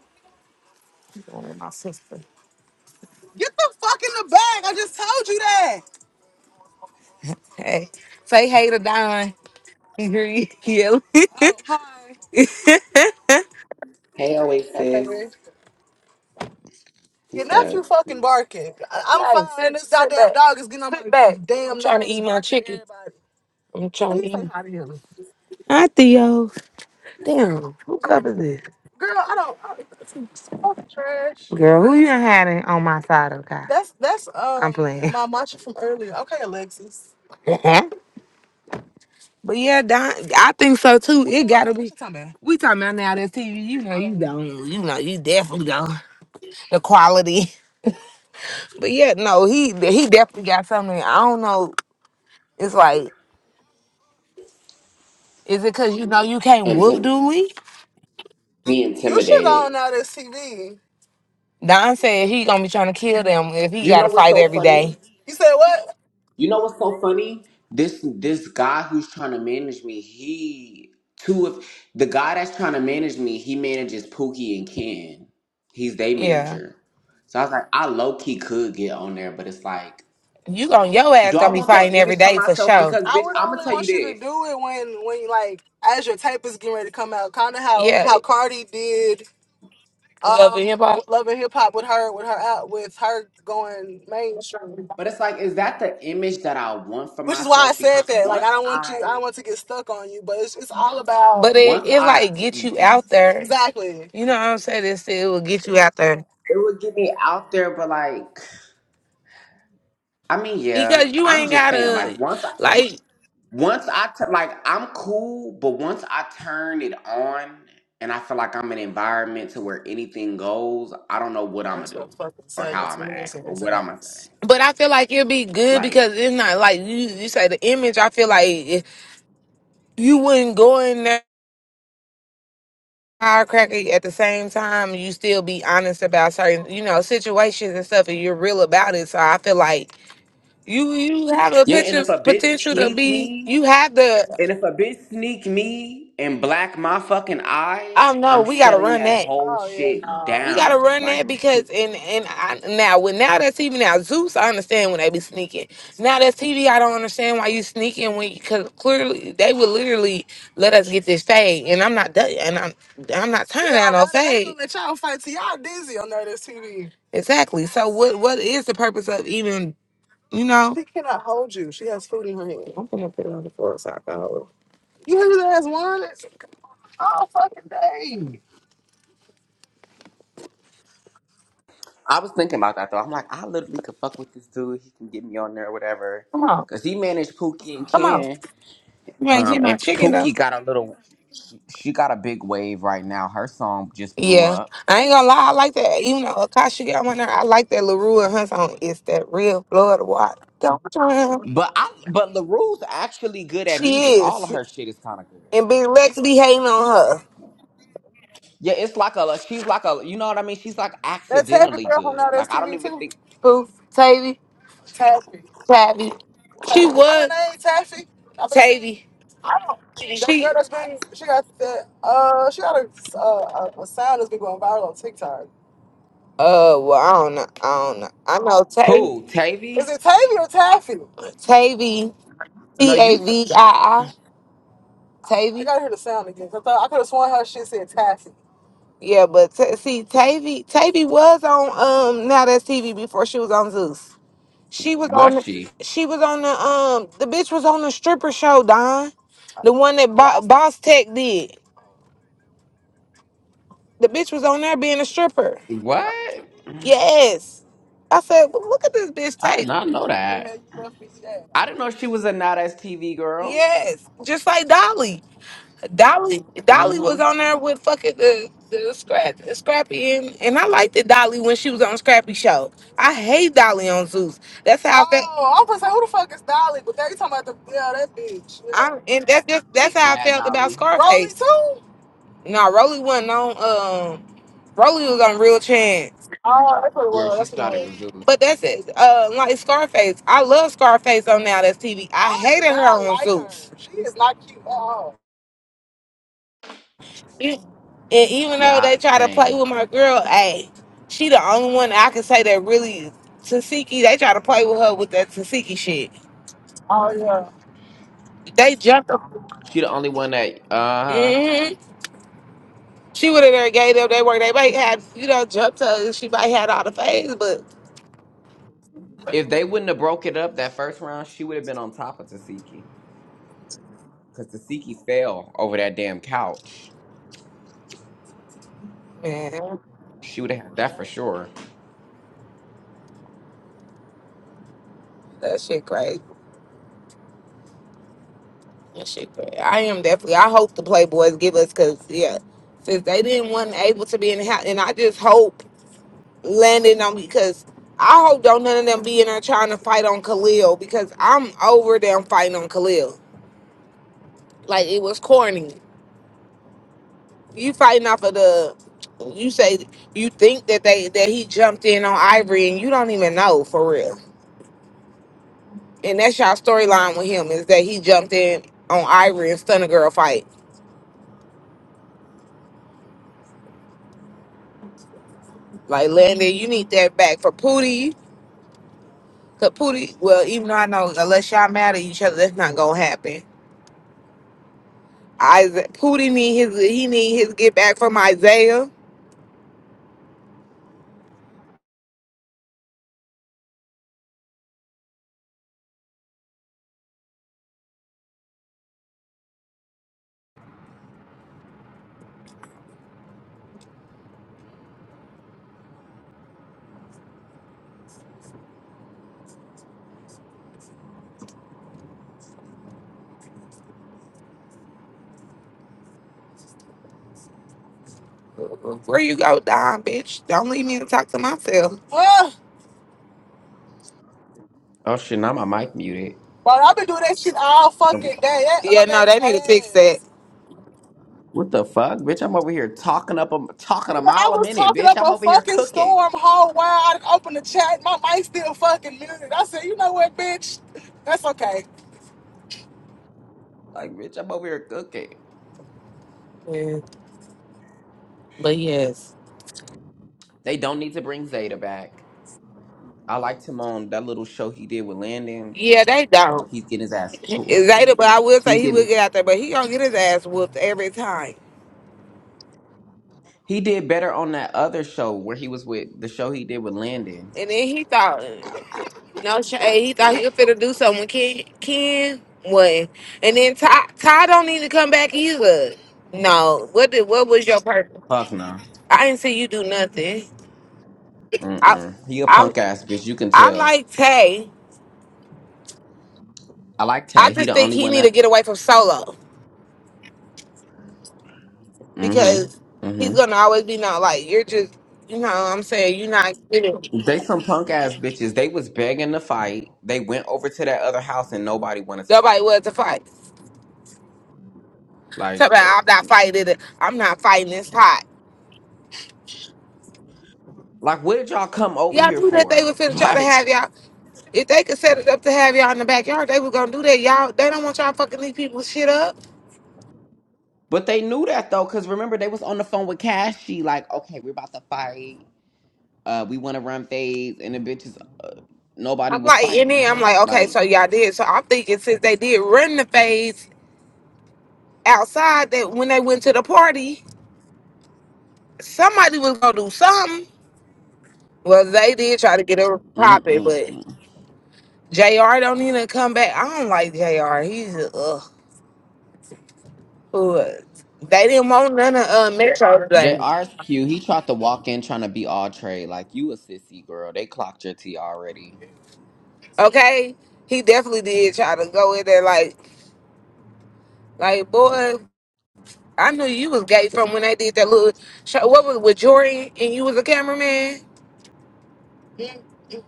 One of My sister. Get the fuck in the bag. I just told you that. Hey, say hey to Don. (laughs) You hear you yelling. Oh, hi. (laughs) Hey, Hey Oasis. Your What's up? nephew fucking barking. I- I'm Hey, fine. sit, This sit goddamn back. dog is getting on Sit my back. I'm damn I'm trying to nerves, eat my barking at chicken. everybody. I'm trying Let to Please eat. say hi to him. Hi, Theo. Damn, who covered this? Girl, I don't. I, it's so trash. Girl, who you done had in- on my side of the Kai? That's that's I'm um playing. (laughs) my mantra from earlier. Okay, Alexis. but yeah, Don, I think so too. It gotta What be. What you talking about? We talking about now that TV. You know, you Oh, don't. You know, you definitely don't. The quality. But yeah, no, he he definitely got something. I don't know. It's like, is it cause you know you can't And whoop to Dooley? be you should go on intimidated. now this TV. Don said he gonna be trying to kill them if he You know gotta what's fight so every funny? day. You said what? You know what's so funny? This this guy who's trying to manage me, he two of the guy that's trying to manage me, he manages Pookie and Ken. He's their Yeah. manager. So I was like, I low key could get on there, but it's like, You gonna your do ass I gonna be want that fighting every image for day for myself? sure. Because I bitch, would I'm gonna only tell you want you to this. do it when when like as your tape is getting ready to come out, kind of how Yeah. how Cardi did Love um and hip hop. with Love and Hip Hop with her with her out with her going mainstream. But it's like, is that the image that I want for Which is why I myself? said Because that. Like I once don't want to I I don't want to get stuck on you, but it's it's all about But it once it I like get you out it there. exactly. You know what I'm saying? It's, it will get you out there. would get me out there, but like I mean, yeah. because but you I'm ain't just saying, like gotta once I like Once I t- like, I'm cool, but once I turn it on, and I feel like I'm in an environment to where anything goes, I don't know what I'm I gonna should do, fucking or said how it's I'm gonna mirrors act, in or his what I'm gonna say. ass. But I feel like it'd be good Like, because it's not like you, you say the image. I feel like if you wouldn't go in there firecracker at the same time. You still be honest about certain, you know, situations and stuff, and you're real about it. So I feel like you you have a yeah, and picture if a bitch potential to sneak be. me, You have the and if a bitch sneak me and black my fucking eye, Oh no, I'm We gotta shutting run that that. whole Oh yeah, shit We no. gotta down. run Like, that (laughs) because bitch. and and I, now with now that's TV now Zeus I understand when they be sneaking now that's TV I don't understand why you sneaking when because clearly they would literally let us get this fade and I'm not done and I'm I'm not turning Yeah, down no they, they fade gonna let y'all fight till y'all dizzy on there. This TV. exactly so what what is the purpose of even you know She cannot hold you. She has food in her hand. I'm gonna put it on the floor so I can hold it. You hear that as one? Oh, hey. I was thinking about that though. I'm like, I literally could fuck with this dude. He can get me on there, or whatever. come on Cause he managed Pookie and come on Ken. You ain't Um, getting my and chicken though. Pookie got a little she got a big wave right now. Her song just blew Yeah, up. I ain't gonna lie. I like that. Even though Akasha got one there, I like that Larue and her song. It's that real Florida water. Don't drown. But I but LaRue's actually good at She music. All of is, her shit is kind of and good. Big Lex be hating She like on her. yeah, it's like a she's like a you know what I mean. She's like That's Taffy accidentally girl from now good. that's Like I don't TV even too. think Who? Tavy. Taffy. Tavy. She was. Her name Taffy. I think Tavy. I don't. That girl She. Girl that's been she got that uh she got a uh, a a sound that's been going viral on TikTok. Uh, well, I don't know. I don't know. I know Tavy. who Is Tavy. it Tavy or Taffy? Tavy, No, T A you t- V I I, I Tavy. gotta hear the sound again. 'cause I, thought, I could have sworn her shit said Taffy. Yeah, but t- see, Tavy, Tavy was on um now that's TV before she was on Zeus. She was was on, she she was on the um the bitch was on the stripper show, Don, the one that Bo- Boss Tech did. The bitch was on there being a stripper. what? Yes, I said, "Well, look at this bitch I did Tavy. not know that. Okay, you must be- yeah. I didn't know she was a not as TV girl. Yes, just like Dolly. Dolly Dolly was Mm-hmm. on there with fucking the the scrap Scrappy and, and I liked the Dolly when she was on Scrappy show. I hate Dolly on Zeus. That's how I felt. Oh, I was gonna say who the fuck is Dolly? But they talking about the yeah that bitch. Yeah. I and that's just that's how I Bad felt about Dolly. Rolly Scarface. too? No, Rolly wasn't on. Um, Rolly was on Real Chance. Oh, that's what it Yeah, was. she That's what it started was. with Jules. But that's it. Uh, like Scarface, I love Scarface on now. That's TV. I I do hated her not on like her. Zeus. She is not cute at all. E- And even Yeah, though they I- try to play same. with my girl, hey, she the only one I can say that really Tasiki. They try to play with her with that Tasiki shit. Oh yeah. They jumped her. She the only one that uh huh. hmm She would have there gave them They work. They might have, you know, jumped her. She might had all the phase, but If they wouldn't have broke it up that first round, she would have been on top of Tasiki. Because Tasiki fell over that damn couch. man, She would have had that for sure. that shit crazy. That shit crazy. I am definitely. I hope the Playboys give us, cause yeah, since they didn't want able to be in the house, and I just hope. landing on because I hope don't none of them be in there trying to fight on Khalil because I'm over them fighting on Khalil. Like it was corny. You fighting off of the you say you think that they that he jumped in on Ivory and you don't even know for real. And that's y'all storyline with him is that he jumped in on Ivory and Stunner girl fight. Like Landon, you need that back for Pootie. Cause Pootie, well, even though I know unless y'all mad at each other, that's not gonna happen. Isaiah Pooty need his he need his get back from Isaiah. Where you go, Don, bitch? Don't leave me to talk to myself. Ugh. Oh shit, now my mic muted. But I've been doing that shit all fucking day. That Yeah, no, they need to fix that. What the fuck? Bitch, I'm over here talking up a talking a Nigga, I mile a was minute, talking bitch. up I'm a over here fucking cooking. storm whole while I done opened the chat. My mic still fucking muted. I said, you know what, bitch? That's okay. Like, bitch, I'm over here cooking. Yeah, but yes. They don't need to bring Zeta back. I liked him on that little show he did with Landon. Yeah, they don't. He's getting his ass tore. Zayda, but I will He say he will getting get out there, but he gonna get his ass whooped every time. he did better on that other show where he was with the show he did with Landon. And then he thought No shade. He thought he was finna do something with Ken. Ken what? And then Ty, Ty don't need to come back either. No. What did? What was your purpose? Fuck no. I didn't see you do nothing. I, Mm-mm. He a I, punk ass bitch. You can I tell. like Tay. I like I Tag. He just the think only he one need to that. get away from solo because Mm-hmm. he's Mm-hmm. gonna always be not like you're just. You know, what I'm saying you're not getting They some punk ass bitches. They was begging to fight. They went over to that other house and nobody wanted to nobody fight. was to fight. Talk Like, uh, about I'm not fighting it. I'm not fighting. It's hot. like what did y'all come over Y'all here knew that they for? was (laughs) finna try to Like, have y'all. If they could set it up to have y'all in the backyard, they was gonna do that. Y'all, they don't want y'all fucking leave people's shit up. but they knew that though, cause remember they was on the phone with Cashy. Like, okay, we're about to fight. Uh, we want to run phase, and the bitches nobody I'm was like, and fighting. then I'm like, okay, Like, so y'all did. So I'm thinking since they did run the phase outside, that when they went to the party, somebody was gonna do something. Well, they did try to get her popping, but mm-mm. Jr. don't even come back. I don't like Jr. He's a, ugh. Who is? They didn't want none of uh, Metro thing. JR's cute. He tried to walk in trying to be all trade. Like, you a sissy girl. They clocked your tea already. Okay, he definitely did try to go in there like, like boy. I knew you was gay from when they did that little show. What was with Jordan and you was a cameraman? Mm.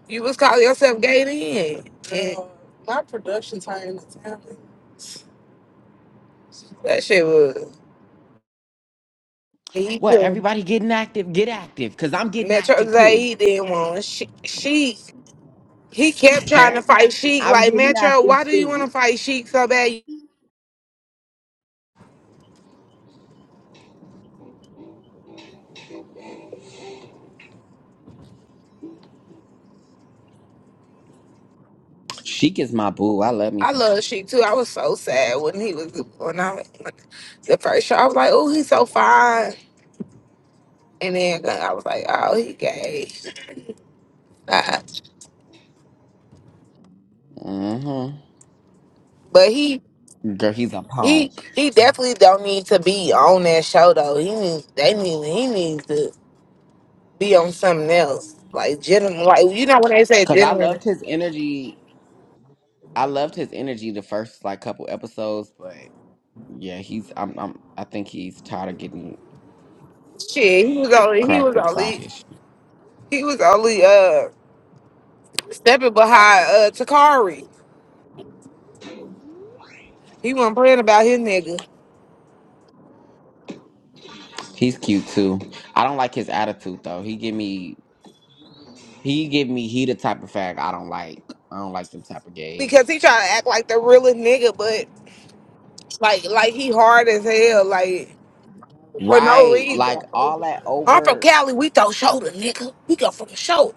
You was calling yourself gay then. And Girl, my production time is happening. That shit was. He What? couldn't- Everybody getting active? Get active. Because I'm getting Metro active too. Zay didn't want she, she. He kept trying to fight (laughs) Sheik. I'm Like getting Metro, active why do you want to too. fight Sheik so bad? Sheik is my boo. I love me I some love Sheik. Sheik too. I was so sad when he was when I the first show. I was like, oh, he's so fine. And then I was like, oh, he gay. Uh, Mm-hmm. but he Girl, he's a punk. He he definitely don't need to be on that show though. He needs they need he needs to be on something else. Like gentleman like you know when they say Because I gentleman loved his energy. I loved his energy the first like couple episodes, but yeah, he's I'm, I'm I think he's tired of getting shit, he was only he was cracked upside only his. he was only uh stepping behind uh Takari. He wasn't playing about his nigga. He's cute too. I don't like his attitude though. He give me He give me he the type of fag I don't like. I don't like them type of gays. Because he trying to act like the realest nigga, but like like he hard as hell, like for no Right, reason. like all that I'm from overt. Cali, we throw shoulder, nigga. We go from the shoulder.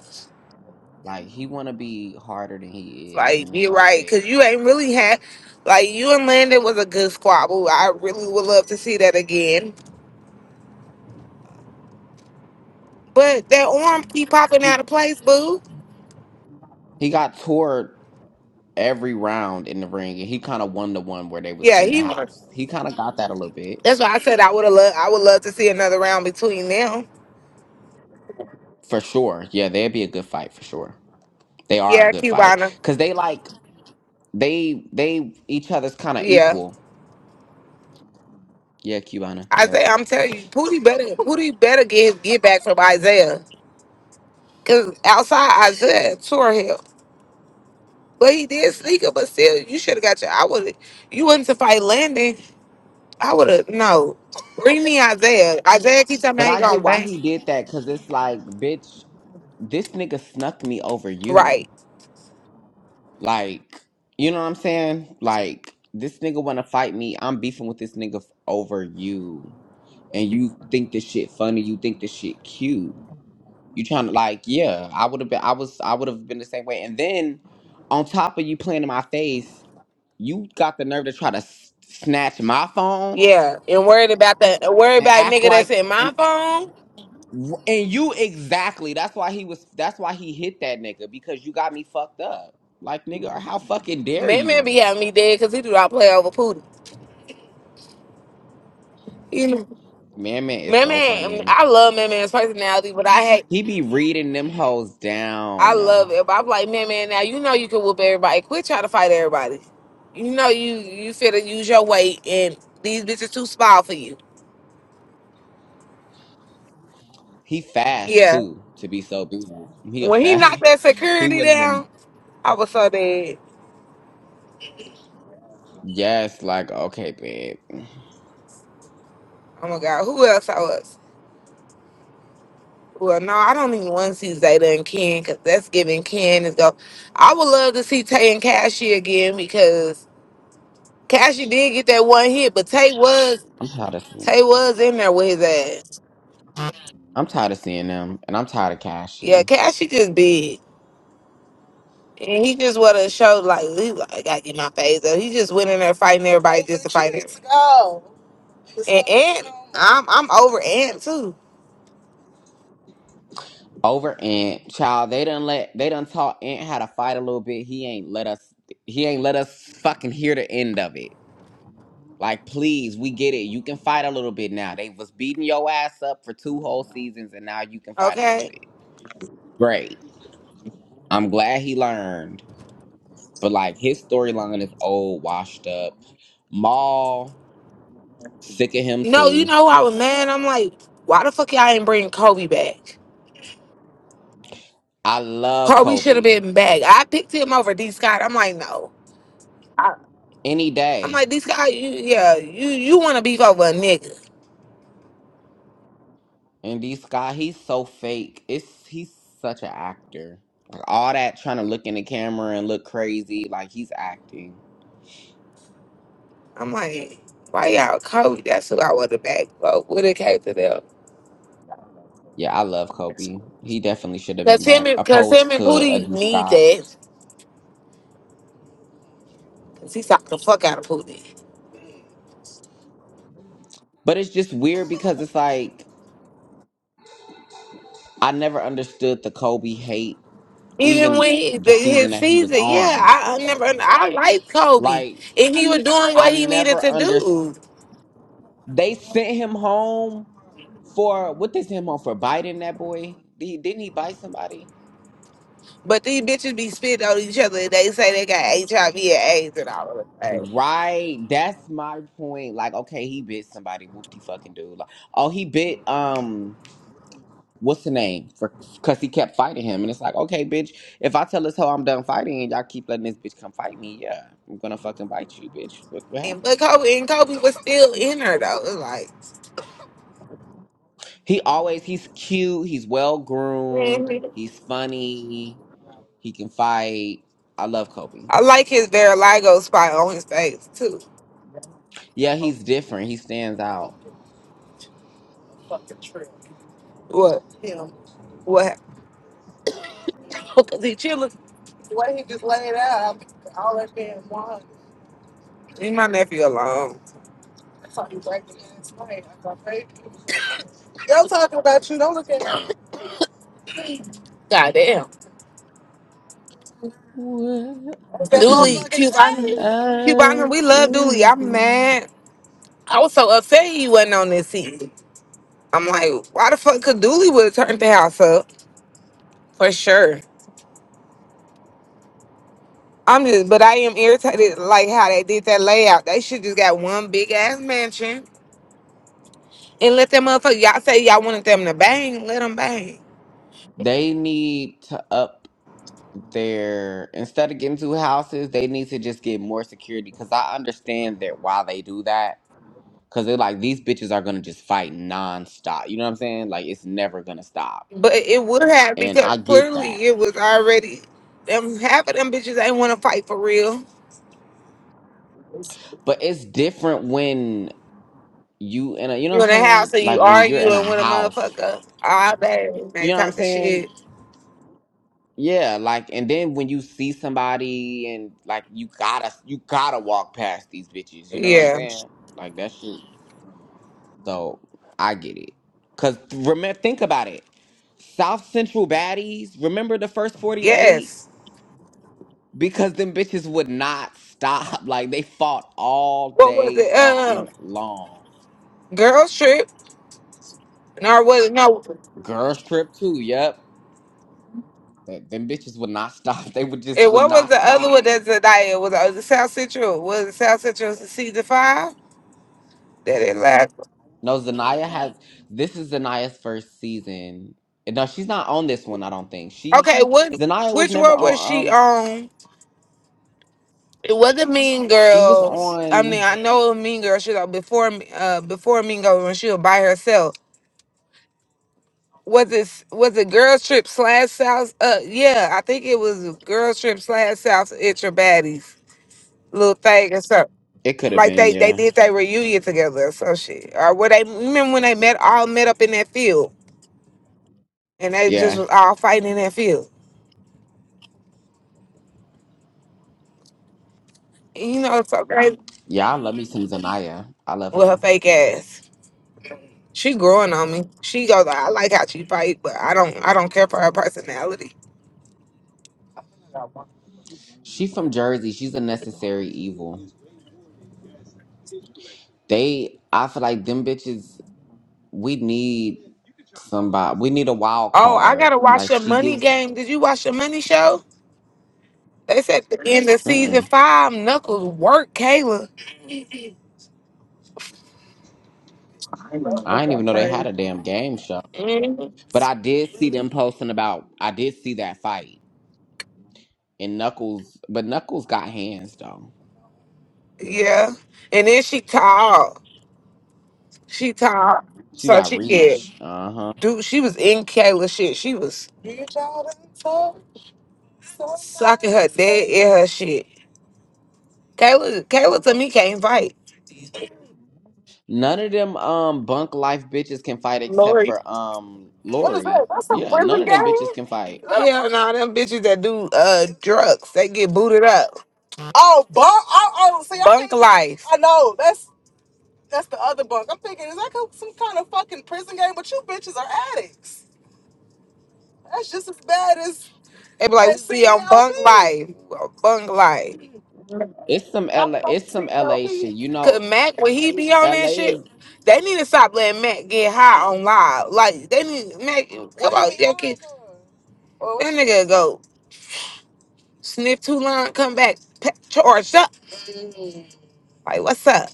Like he want to be harder than he is, Like and it's you're like, right, cause babe, you ain't really had like you and Landon was a good squabble. I really would love to see that again. But that arm keep popping out he of place, boo. he got toured every round in the ring, and he kind of won the one where they was Yeah, in the he. won. house. He kind of got that a little bit That's why I said I would have loved. I would love to see another round between them. for sure. Yeah, they'd be a good fight for sure. They are a Yeah, good fight Cubana. because they like they they each other's kind of Yeah, equal. Yeah, Cubana. Yeah. Isaiah. I'm telling you, Pooty better. Pooty better get get back from Isaiah, cause outside Isaiah tore him. But he did sneak it, but still, you should have got your. I would. You wouldn't to fight Landon. I would have no. Read me Isaiah. Isaiah keep talking But me he I get gonna why bang. he did that because it's like, bitch, this nigga snuck me over you. Right. Like, you know what I'm saying? Like, this nigga wanna fight me. I'm beefing with this nigga f- over you. And you think this shit funny, you think this shit cute. You trying to like, yeah, I would have been I was I would have been the same way. And then on top of you playing in my face, you got the nerve to try to s- snatch my phone Yeah. And worried about that. Worried and about act nigga like that's in and my phone. And you exactly. That's why he was. That's why he hit that nigga because you got me fucked up. Like nigga, how fucking dare Man, man you? be having me dead because he do not play over Pootie. You know, Man, man, it's man, so man. funny. I love man, man's personality, but I hate. He be reading them hoes I down. love it. But I'm like, man, man. Now you know you can whoop everybody. Quit trying to fight everybody. You know you you fit to use your weight, and these bitches too small for you. He fast Yeah. too to be so big. He a When he fat. knocked (laughs) that He security wouldn't. have- down, I was so dead. Yes, like okay, babe. Oh my god. Who else I was? Well, no, I don't even want to see Zayda and Ken because that's giving Ken is go. I would love to see Tay and Cassie again because Cassie did get that one hit, but Tay was I'm tired of seeing. Tay was in there with his ass. I'm tired of seeing them, and I'm tired of Yeah, Cashy. Cassie just big, and he just wanted to show like, he like, I gotta get my face up. He just went in there fighting everybody just to fight it. Go. And Ant, I'm I'm over Ant too. Over Ant, child, they done let they done taught Ant how to fight a little bit. He ain't let us he ain't let us fucking hear the end of it. Like, please, we get it. You can fight a little bit now. They was beating your ass up for two whole seasons and now you can fight a little Okay. bit. Great. I'm glad he learned. But like his storyline is old, washed up. Maul, sick of him No, you too. know who I was mad. I'm like, why the fuck y'all ain't bring Kobe back? I love Car, we should have Kobe. been back. I picked him over D Scott. I'm like, no. I, Any I'm day. like, D Scott, you yeah, you you want to beef over a nigga. And D Scott, he's so fake. It's he's such an actor. Like all that trying to look in the camera and look crazy, like he's acting. I'm like, why y'all Kobe? That's who I want to back, bro. When it came to them. Yeah, I love Kobe. He definitely should have been Cause him back, and cause him opposed and to a Pootie D need Scott. that. Cause he sucked the fuck out of Pootie. But it's just weird because it's like I never understood the Kobe hate, Even even when he, the the, his season that he was season, yeah, on. I, I never I liked Kobe. Like And he was doing I what he needed never to understood. do. They sent him home for what they sent him home for biting that boy. Did he- Didn't he bite somebody? But these bitches be spitting on each other and they say they got HIV and AIDS and all of that. Right, that's my point. Like, okay, he bit somebody, whoopty fucking dude. Like, oh, he bit um, what's the name? For because he kept fighting him, and it's like, okay, bitch, if I tell this hoe I'm done fighting, and y'all keep letting this bitch come fight me, yeah, I'm gonna fucking bite you, bitch. What what And but happened? Kobe and Kobe was still in her though. It Like He always he's cute, he's well groomed, Mhm. he's funny, he can fight. I love Kobe. I like his Veriligo spot on his face too. Yeah, he's different. He stands out. What? What? Because he chilling. The he just laid out, all that man won. Leave my nephew alone. That's I got talking about you. Don't look at him. God damn. What? Dooley, (clears throat) Cubana. I Cubana, we love Dooley. I'm do. mad. I was so upset he wasn't on this season. I'm like, why the fuck could Dooley would have turned the house up for sure. I'm just, but I am irritated like how they did that layout. They should just got one big ass mansion and let them motherfucker. Y'all say y'all wanted them to bang, let them bang. They need to up their instead of getting two houses, they need to just get more security. Cause I understand that why they do that. Cause they're like these bitches are gonna just fight nonstop. You know what I'm saying? Like it's never gonna stop. But it would have And because I get clearly that. it was already them. Half of them bitches ain't want to fight for real. But it's different when you in a you know what You I'm in the saying? house and you Like when you're in a arguing with a house. motherfucker all day, they You know what I'm talking saying? shit. Yeah, like and then when you see somebody and like you gotta you gotta walk past these bitches, you know what I'm Yeah. saying? Like that shit. So I get it. Cause remember, think about it. South Central baddies. Remember the first forty eight? Yes. Because them bitches would not stop. (laughs) Like they fought all What was day it? Uh, fucking long. girls trip. No, it wasn't. No, Girls trip too. Yep. Th- Them bitches would not stop. (laughs) They would just And would what was not the other stop. one that's Zendaya? Was was it South Central? Was it South Central season five? That it last. No, Zanaya has. This is Zanaya's first season. No, she's not on this one. I don't think she. Okay, what Zanaya was which never one was on. she Um, on? It wasn't Mean she was Girls. I on. mean, I know it was Mean Girls. She was on before uh before Mean Girls when she was by herself. Was it was it Girls Trip slash South? Uh, yeah, I think it was Girls Trip slash South Central Baddies little thing or something. It could have Like been. they they Yeah. did their reunion together or some shit. Or were they remember when they met all met up in that field? and they Yeah. just was all fighting in that field. And you know it's so crazy Yeah, I love me some Zanaya. I love with her her. fake ass. She growing on me. She goes, I like how she fight, but I don't I don't care for her personality. She's from Jersey. She's a necessary evil. They, I feel like them bitches. We need somebody. We need a wild Oh, I card. gotta Like watch your she money gives. game. Did you watch your money show? They said at the end of season Mm-mm. five, Knuckles work Kayla. I didn't even know they had a damn game show. Mhm. But I did see them posting about. I did see that fight and Knuckles. But Knuckles got hands though. Yeah. And then she tall. She tall. She So got she could reach. Uh huh. do she was in Kayla shit. She was sucking her dead in her shit. Kayla, Kayla to me can't fight. None of them um bunk life bitches can fight except for um What is Lori. that? That's something. Yeah, What none of them bitches can fight. is no, them bitches that do uh drugs, they get booted up. Oh, bunk. Oh, oh, see, I'm Bunk thinking. life. I know that's that's the other bunk. I'm thinking, is that co- some kind of fucking prison game? But you bitches are addicts. That's just as bad as They be like, as see, I'm bunk CLB. life. Bunk life. It's some LA. It's some LA CLB. shit. You Cause know, Mac, when he be on that LA is. shit, they need to stop letting Mac get high on live. Like they need Mac. Come What he on, be your on kid. though? Well, that nigga go sniff too long, come back pa- charged up. Mm. Like, what's up?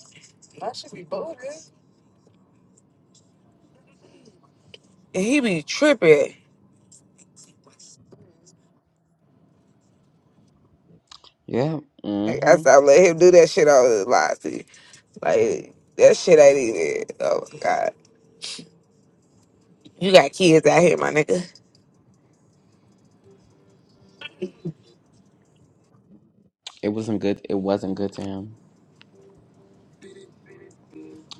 I should be booted. And he be tripping. Yeah. Like, I hmm stopped letting him do that shit all his life. Dude. Like, that shit ain't even. Oh, my God. You got kids out here, my nigga. It wasn't good. It wasn't good to him.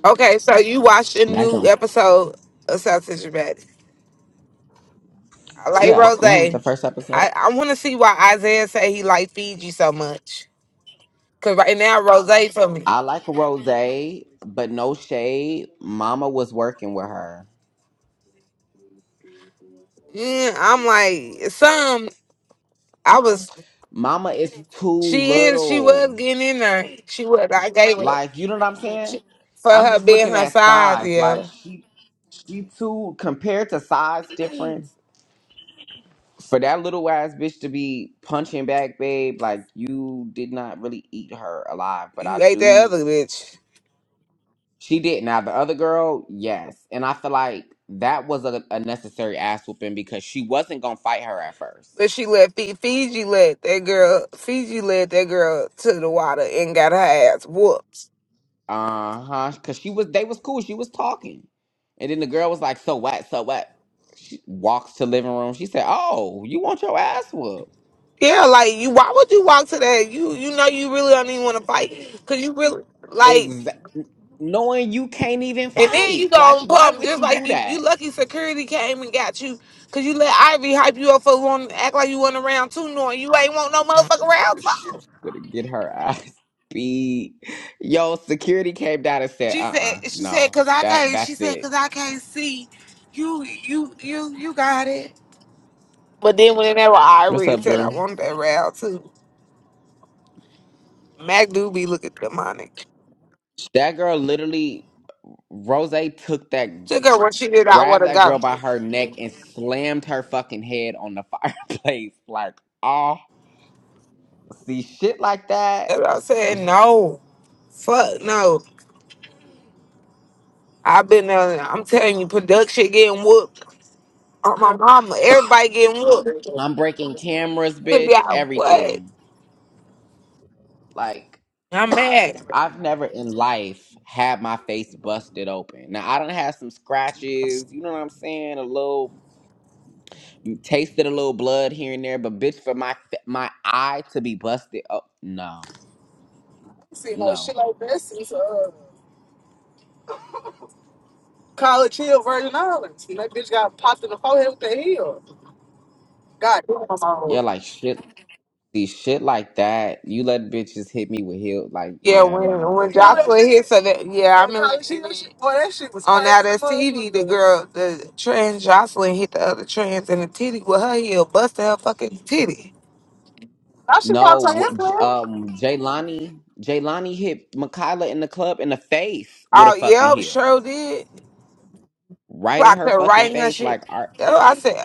Okay, so you watched a Mac new don't. episode of South Central Bad. I like Yeah. Rose. hmm I, The first episode. I want to see why Isaiah say he like Fiji so much. Because right now, Rose for me. I like Rose, but no shade. Mama was working with her. Mm, I'm like, some. I was. Mama is too She is. She was little. getting in there. She was. I gave her Like you know what I'm saying. she, for I'm her just being looking her at size. size. Like Yeah, she, she too compared to size difference. for that little ass bitch to be punching back, babe, like you did not really eat her alive, but I you ate that do. other bitch. She did. Now the other girl, yes, and I feel like that was a, a necessary ass whooping because she wasn't gonna fight her at first. But she let Fi- Fiji let that girl. Fiji led that girl to the water and got her ass whooped. Uh huh. Cause she was, they was cool. She was talking, and then the girl was like, "So what? So what?" She walks to living room. She said, "Oh, you want your ass whooped?" Yeah, like you. Why would you walk to that? You you know you really don't even want to fight because you really like. Exactly. Knowing you can't even And then you fight, like gonna why pump would just you do like you. You that? lucky security came and got you because you let Ivy hype you up for wanting to act like you wasn't around too, knowing you ain't want no motherfucking round She's gonna get her ass (laughs) beat. Yo, security came down and said, "Uh, She said, uh she said, no, cause I that can't. She that's said, it." cause I can't see. You, you, you, you got it. But then whenever I What's read up, said I Drew? wanted that round too. Mac do be looking demonic. That girl literally, Rose took that, Took her when she did I want grabbed to that girl go. by her neck and slammed her fucking head on the (laughs) fireplace. Like, oh, see shit like that. That's what I said. No, fuck no. I've been. Uh, I'm telling you, production getting whooped on my mama. Everybody getting whooped. I'm breaking cameras, Could bitch. be out. What? Everything. Like, I'm mad. I've never in life had my face busted open. Now I don't have some scratches, you know what I'm saying? A little tasted a little blood here and there, but bitch, for my fa- my eye to be busted, oh no, See no no, shit like this since uh, college hill Virgin Islands. that bitch got popped in the forehead with the heel. God damn, Mama yeah, Rose. like shit, see shit like that. You let bitches hit me with heel, like Yeah, yeah, when when mama, we're gonna Jocelyn hit so that yeah, I That remember she shit, that boy, that shit was on crazy. TD, the girl, the trans Jocelyn hit the other trans and the titty with her heel, busted her fucking titty. I should no. probably tell you, What, J- um, Jaylani, Jaylani hit Makayla in the club in the face with a Oh fucking yeah, heel, sure did. right in Clocked her her fucking right in her face. shit. Like, our, That's what I said.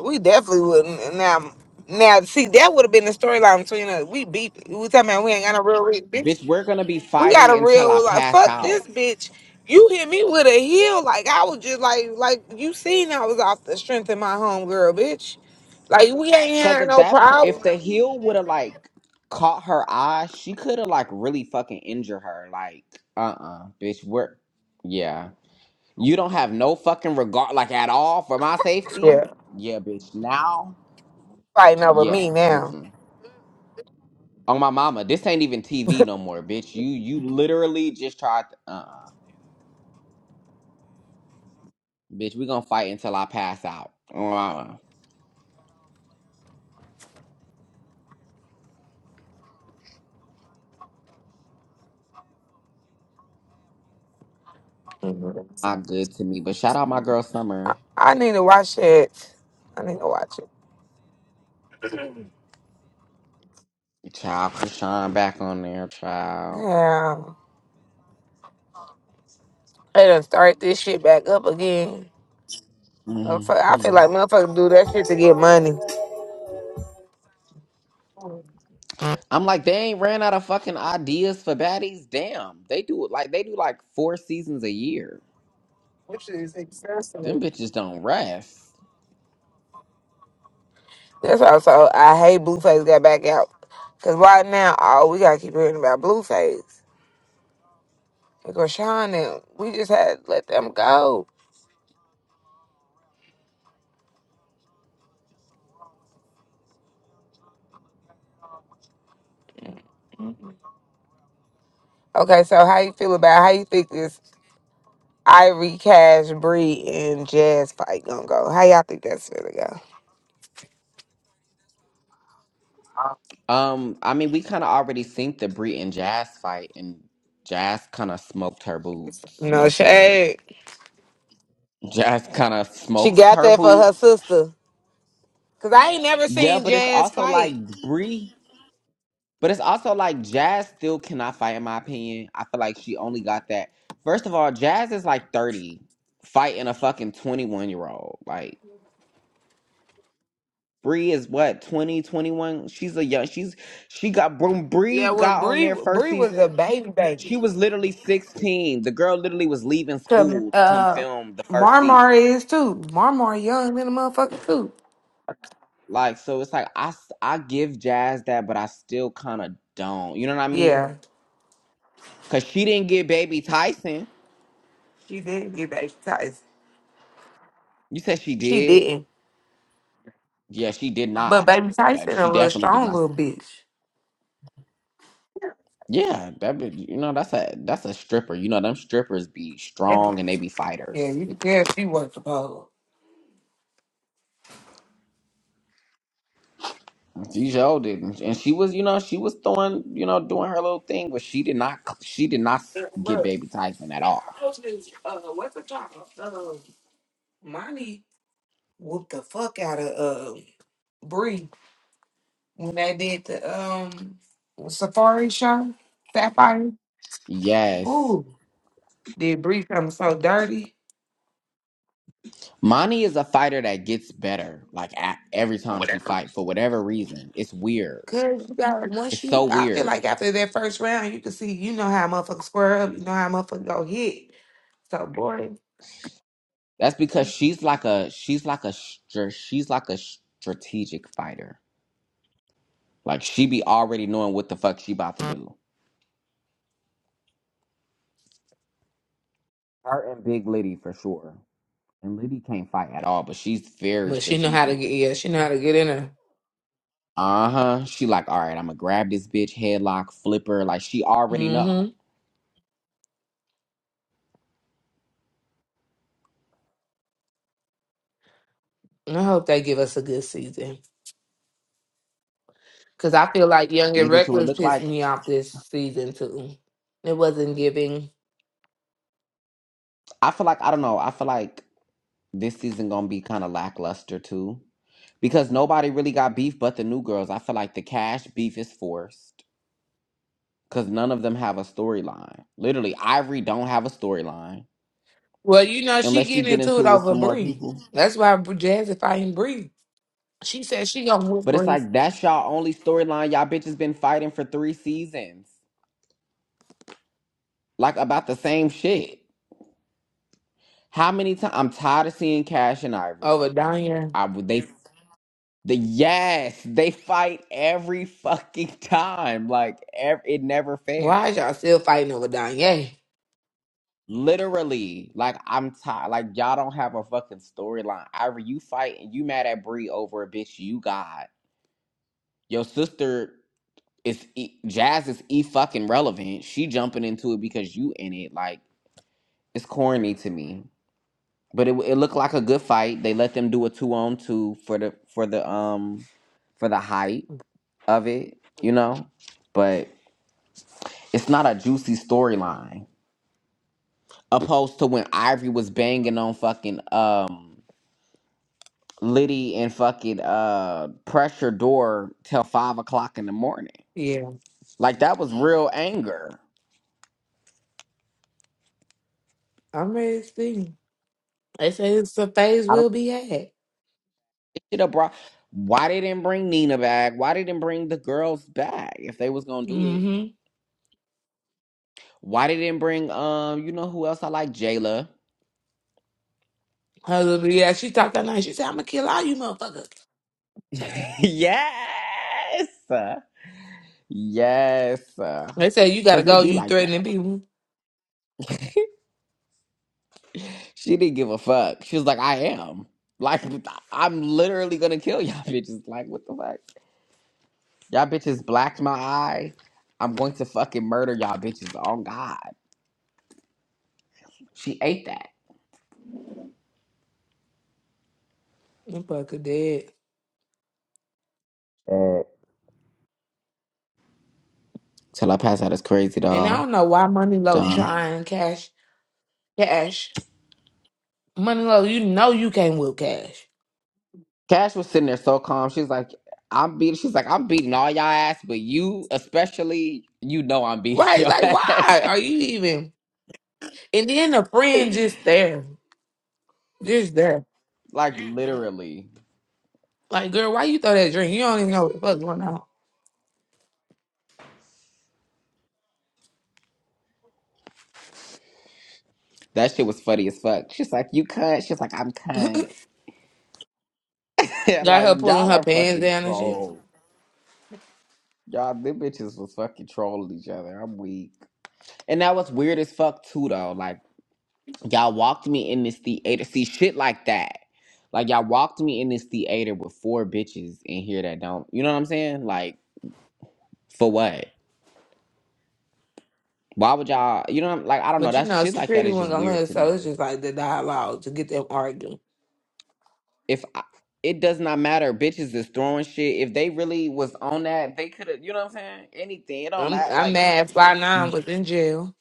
We definitely wouldn't. And Now, now, see, that would have been the storyline between us. We beat. We talking about we ain't got no real reason. bitch, we're gonna be We got fighting a until I real like pass fuck out. this bitch. You hit me with a heel like I was just like like you seen I was off the strength of my homegirl, bitch. Like we ain't Cause had if no that, po- if problem. the heel would have like caught her eye, she could have like really fucking injured her. Like, uh, uh bitch, we're, yeah, you don't have no fucking regard, like at all for my safety. Yeah, Yeah, bitch. Now, fighting over yeah. me now. Mm-mm. On my mama, this ain't even TV no more, bitch. You, you literally just tried. To, uh, uh bitch, we gonna fight until I pass out. On my mama. Mhm. Not good to me, but shout out my girl Summer. I need to watch it. I need to watch it. Child, Krishan back on there, child. Yeah, they done start this shit back up again. Motherfucker- I feel hmm like motherfuckers do that shit to get Walk money. away. I'm like, they ain't ran out of fucking ideas for baddies. Damn, they do it like they do like four seasons a year. That shit is Them excessive. bitches don't rest. That's also I hate Blueface got back out. Cause right now, all we gotta keep hearing about Blueface. Rashawn and we just had to let them go. Okay, so how you feel about how you think this Ivory Cash Bree and Jazz fight gonna go? How y'all think that's gonna go? Um, I mean, we kind of already seen the Brie and Jazz fight, and Jazz kind of smoked her boots. No No shade. shade. (laughs) Jazz kind of She smoked got her that for her boots. sister. Cause I ain't never Yeah, seen but it's Jazz also like fight. Brie, but it's also like Jazz still cannot fight. In my opinion, I feel like she only got that. First of all, Jazz is like thirty fighting a fucking 21 year old. Like, Bree is what 20, 21. She's a young. She's she got when Bree Yeah, when got on Bree there first Bree was a season. baby She baby. was literally sixteen. The girl literally was leaving Cause school to come uh film the first season. Marmar is too. Marmar young than a motherfucker too. Like so, it's like I s- I give Jazz that, but I still kind of don't. You know what I mean? Yeah, Cause she didn't get Baby Tyson. she didn't get baby Tyson. You said she She did. didn't. Yeah, she did But not. baby That Tyson she a little definitely did strong not. little bitch. Yeah, that be, you know that's a that's a stripper. You know them strippers be Yeah, strong and they be fighters. you can tell she worked the Dijon didn't, and she was, you know, she was throwing, you know, doing her little thing, but she did not, she did not Yeah, get bro. Baby Tyson at all. I was just, uh, what's the job? Um, Monty whooped the fuck out of, uh, Bree when they did the, um, Safari show, Sapphire. Yes, Ooh, did Bree come so dirty? Monty is a fighter that gets better, like at, every Or time she whatever. fight for whatever reason. It's weird. Good. You got, It's once you, so I feel weird. like after that first round, you can see, you know how motherfuckers square up, you know how motherfuckers go hit. So boring. That's because she's like a, she's like a, str- she's like a strategic fighter. Like she be already knowing what the fuck she about to do. Her and Big Liddy for sure. And Liddy can't fight at all, but she's very But she know how to strategic. get, yeah, she know how to get in Uh huh. She like, all right, I'm gonna grab this bitch, headlock, flip her. Like she already there. know. I hope they give us a good season. Cause I feel like Young Me and too. It Reckless look pissed like me off this season too. It wasn't giving. I feel like I don't know. I feel like this season gonna be kind of lackluster too, because nobody really got beef but the new girls. I feel like the cash beef is forced because none of them have a storyline. Literally, Ivory don't have a storyline Well, you know she unless she getting get into into it it with over some more Bree. people. That's why Br- Jazz fighting Bree. She said she gonna whoop But it's Bree like that's y'all only storyline. Y'all bitches been fighting for three seasons, like about the same shit. How many times? I'm tired of seeing Cash and over Ivory. Danya. I would they the yes they fight every fucking (laughs) time. Like ev- it never fails. Why is y'all still fighting over Danya? Literally, like I'm tired. Like y'all don't have a fucking storyline. Ivory, you fight and you mad at Bree over a bitch you got. Your sister is e- Jazz is e fucking relevant. She jumping into it because you in it. Like it's corny to me. But it it looked like a good fight. They let them do a two on two for the for the um for the hype of it, you know. But it's not a juicy storyline. Opposed to when Ivory was banging on fucking um Liddy and fucking uh pressure door till five o'clock in the morning. Yeah, Like that was real anger. I'm ready to see. They say it's a phase I don't we'll be at. think it brought. Why they didn't bring Nina back? Why they didn't bring the girls back if they was gonna do it? Mm-hmm. Why they didn't bring um, you know who else I like? Jayla. Her, little yeah, she talked that night. She said, I'm gonna kill all you motherfuckers. (laughs) yes. Yes. They said you Cause gotta they go, be you like threatening that. people. She didn't give a fuck. She was like, I am. Like I'm literally gonna kill y'all (laughs) bitches. Like, what the fuck? Y'all bitches blacked my eye. I'm going to fucking murder y'all bitches. Oh God. She ate that. Them fucker dead. Uh, Till I pass out is crazy, And I dog. don't know why Money Low Done. trying cash cash. Money Low, you know you can't whip cash. Cash was sitting there so calm. She's like, I'm beating. She's like, I'm beating all y'all ass, but you, especially, you know, I'm beating (laughs) Right? your Like ass. why are you even and then a friend just there. Just there. like literally, Like, girl, why you throw that drink? You don't even know what the fuck going on. that shit was funny as fuck. She's like, you cunt. She's like, I'm cunt. (laughs) Got like her pulling y'all her are pants fucking down and shit. troll. Y'all, them bitches was fucking trolling each other. I'm weak. And that was weird as fuck too, though. Like y'all walked me in this theater. See shit like that. Like y'all walked me in this theater with four bitches in here that don't. You know what I'm saying? Like For what? Why would y'all? You know, what I'm- like I don't know. But you That know, shit like that security is just wasn't gonna let weird her, to me. so it's just like the dialogue to get them arguing. If I, it does not matter, bitches is throwing shit. If they really was on that, they could have. You know what I'm saying? Anything. It don't I'm matter. I'm Like mad. Fly Nine was in jail.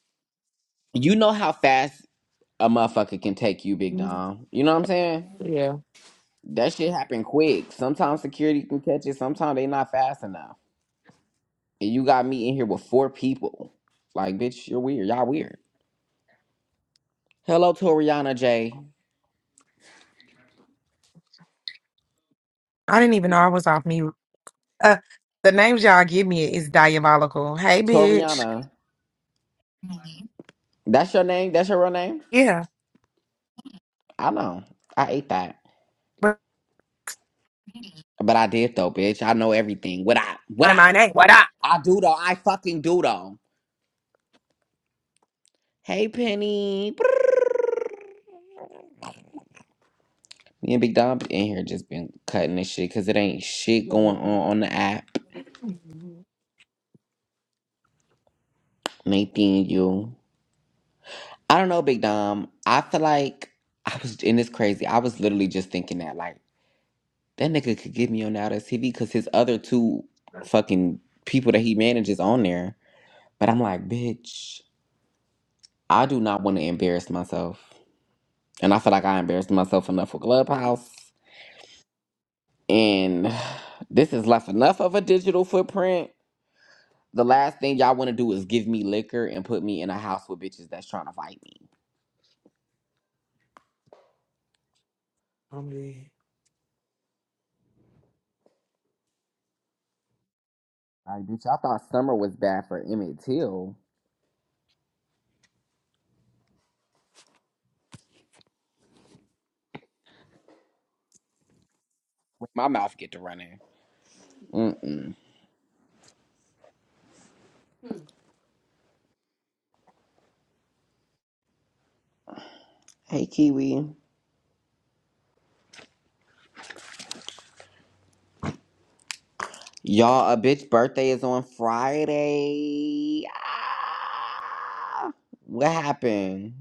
you know how fast a motherfucker can take you, big dom. You know what I'm saying? Yeah. That shit happen quick. Sometimes security can catch it. Sometimes they not fast enough. And you got me in here with four people. Like, bitch, you're weird. Y'all weird. Hello, Toriana J. I didn't even know I was off mute. Uh, the names y'all give me is diabolical. Hey, bitch. Toriana. That's your name? That's your real name? Yeah. I know. I ate that. But But I did though, bitch. I know everything. What I what I my name. What up? I do though. I fucking do though. Hey Penny. Me and Big Dom be in here just been cutting this shit because it ain't shit going on on the app. Nathan, you. I don't know, Big Dom. I feel like I was and it's crazy. I was literally just thinking that like that nigga could get me on out of TV because his other two fucking people that he manages on there. But I'm like, bitch. I do not want to embarrass myself. And I feel like I embarrassed myself enough with Clubhouse. And (sighs) this is left enough of a digital footprint. The last thing y'all want to do is give me liquor and put me in a house with bitches that's trying to fight me. I'm good. Like, bitch, I thought summer was bad for Emmett Till. When My mouth get to running. Mm-mm. Hey, Kiwi. Y'all, a bitch birthday is on Friday. Ah! What happened?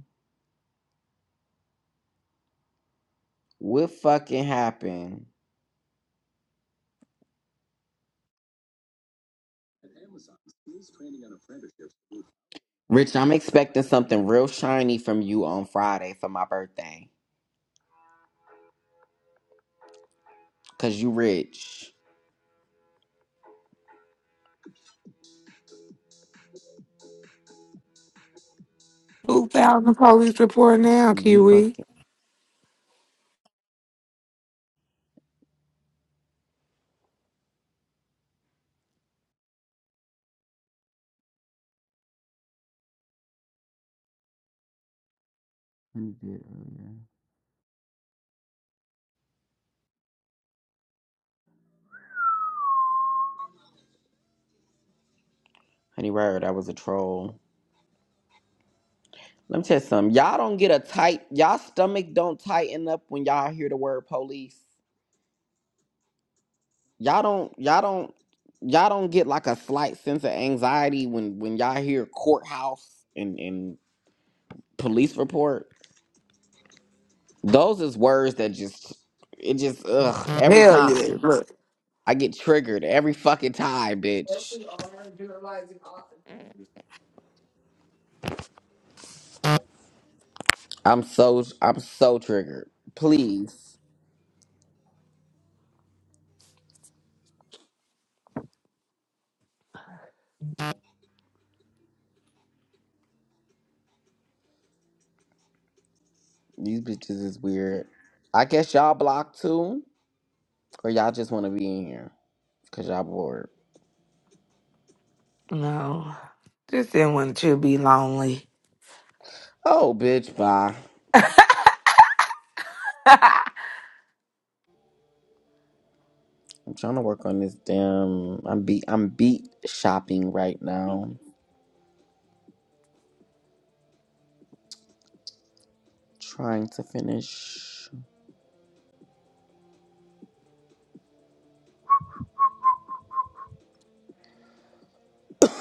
What fucking happened? Rich, I'm expecting something real shiny from you on Friday for my birthday. Cause you rich. 2,000 police report now, You Kiwi. fucking Honey did earlier. Honey Rare, that was a troll. Let me tell you something. Y'all don't get a tight y'all stomach don't tighten up when y'all hear the word police. Y'all don't y'all don't y'all don't get like a slight sense of anxiety when when y'all hear courthouse and, and police report. Those is words that just it just ugh every Hell yeah. time. Look. I get triggered every fucking time, bitch. I'm so I'm so triggered. Please. These bitches is weird. I guess y'all blocked too? Or y'all just wanna be in here? Cause y'all bored. No. This ain't one should be lonely. Oh bitch, bye. I'm trying to work on this damn I'm beat I'm beat shopping right now. Trying to finish.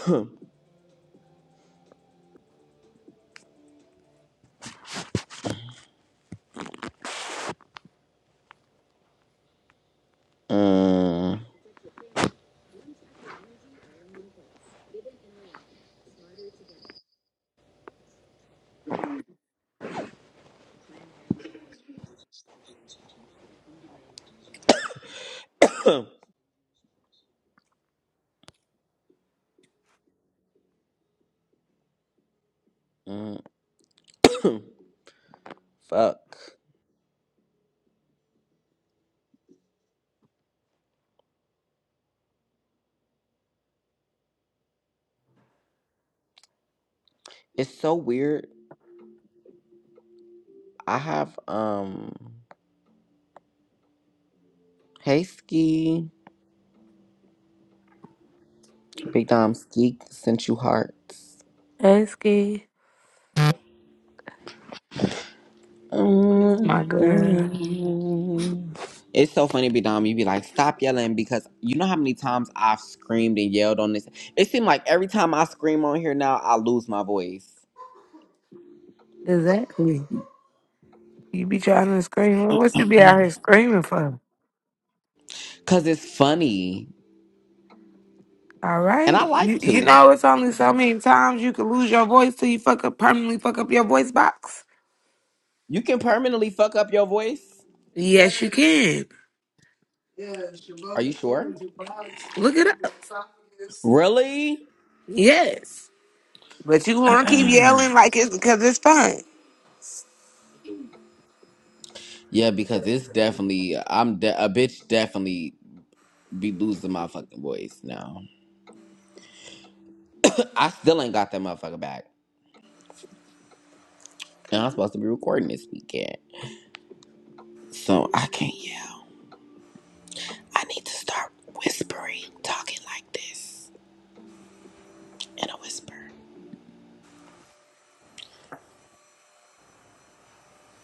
(clears throat) Mm. (clears throat) Mm. (clears throat) Fuck. It's so weird. I have um Hey Ski. Big Dom Skeek sent you hearts. Hey, Ski. My girl. Mm-mm. It's so funny, Big Dom. You be like, stop yelling because you know how many times I've screamed and yelled on this. It seems like every time I scream on here now, I lose my voice Exactly. You be trying to scream. What you be out here screaming for? because it's funny All and I right. like You, you to. know, it's only so many times you can lose your voice till you fuck up permanently fuck up your voice box. You can permanently fuck up your voice. Yes, you can. Are you sure? Look it up. Really? Yes, but you (clears throat) want to keep yelling like it's because it's fun. yeah, because it's definitely I'm de- a bitch. Definitely be losing my fucking voice now. (laughs) I still ain't got that motherfucker back. And I'm supposed to be recording this weekend. So I can't yell. I need to start whispering, talking like this in a whisper.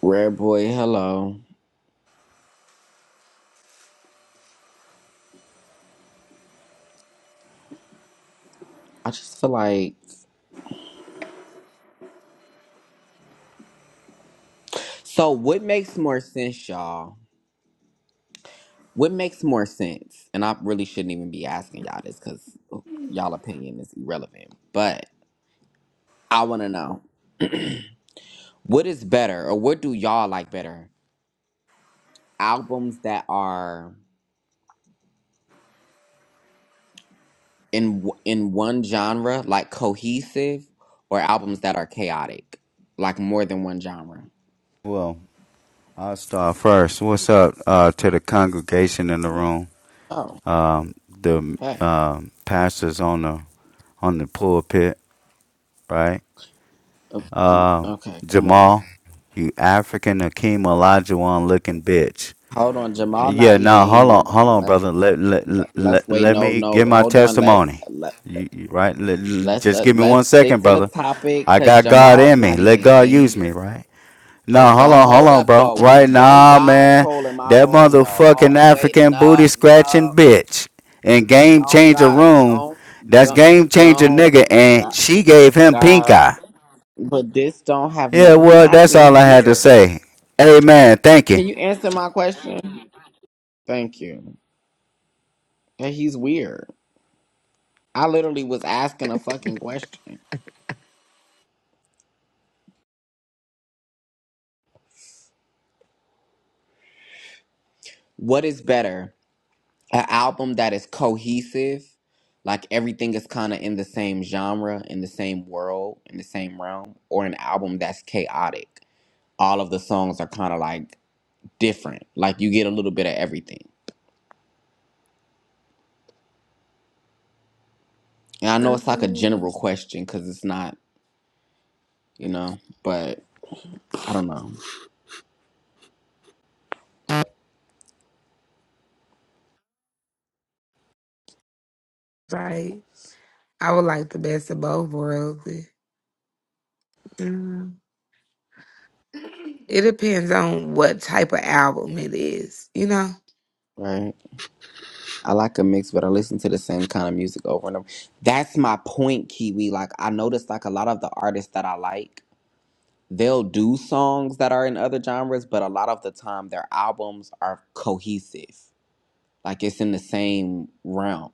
Red boy, hello. I just feel like. So, what makes more sense, y'all? What makes more sense? And I really shouldn't even be asking y'all this because y'all opinion is irrelevant. But I want to know (clears throat) what is better, or what do y'all like better? Albums that are in w- in one genre like cohesive or albums that are chaotic like more than one genre Well, I'll start first. What's up uh, to the congregation in the room? oh Um, the hey um pastors on the on the pulpit, right? o- Um, okay come on Jamal, you African Akeem Olajuwon looking bitch. hold on jamal not Yeah, even no, in hold here on, hold though on, let's brother. Let let let- let's let, wait let no me give no my hold on let's testimony. let, You, you- right? Let- l- let's just uh, give me one let's stick second, to the brother. topic I because got God jamal's in me. not Let even God in use me, here right? and No, hold don't on, hold hold on, up bro. though we Right don't now, god man, troll in my that room though motherfucking Ho- wait African no booty scratching no bitch in Game don't Changer god Room, don't that's don't Game Changer don't nigga, and she gave him pink god eye. But this don't have no. Yeah, He well, not that's even all I had to here. say. Amen. Thank you. Can you answer my question? Thank you. Yeah, he's weird. I literally was asking a fucking question. What is better, an album that is cohesive, like everything is kind of in the same genre, in the same world, in the same realm, or an album that's chaotic? All of the songs are kind of like different. Like you get a little bit of everything. And I know it's like a Mhm. general question because it's not, you know, but I don't know, Right. I would like the best of both worlds. Mhm. It depends on what type of album it is, you know. right? I like a mix, but I listen to the same kind of music over and over. That's my point, Kiwi. Like I noticed like a lot of the artists that I like, they'll do songs that are in other genres, but a lot of the time their albums are cohesive. Like it's in the same realm.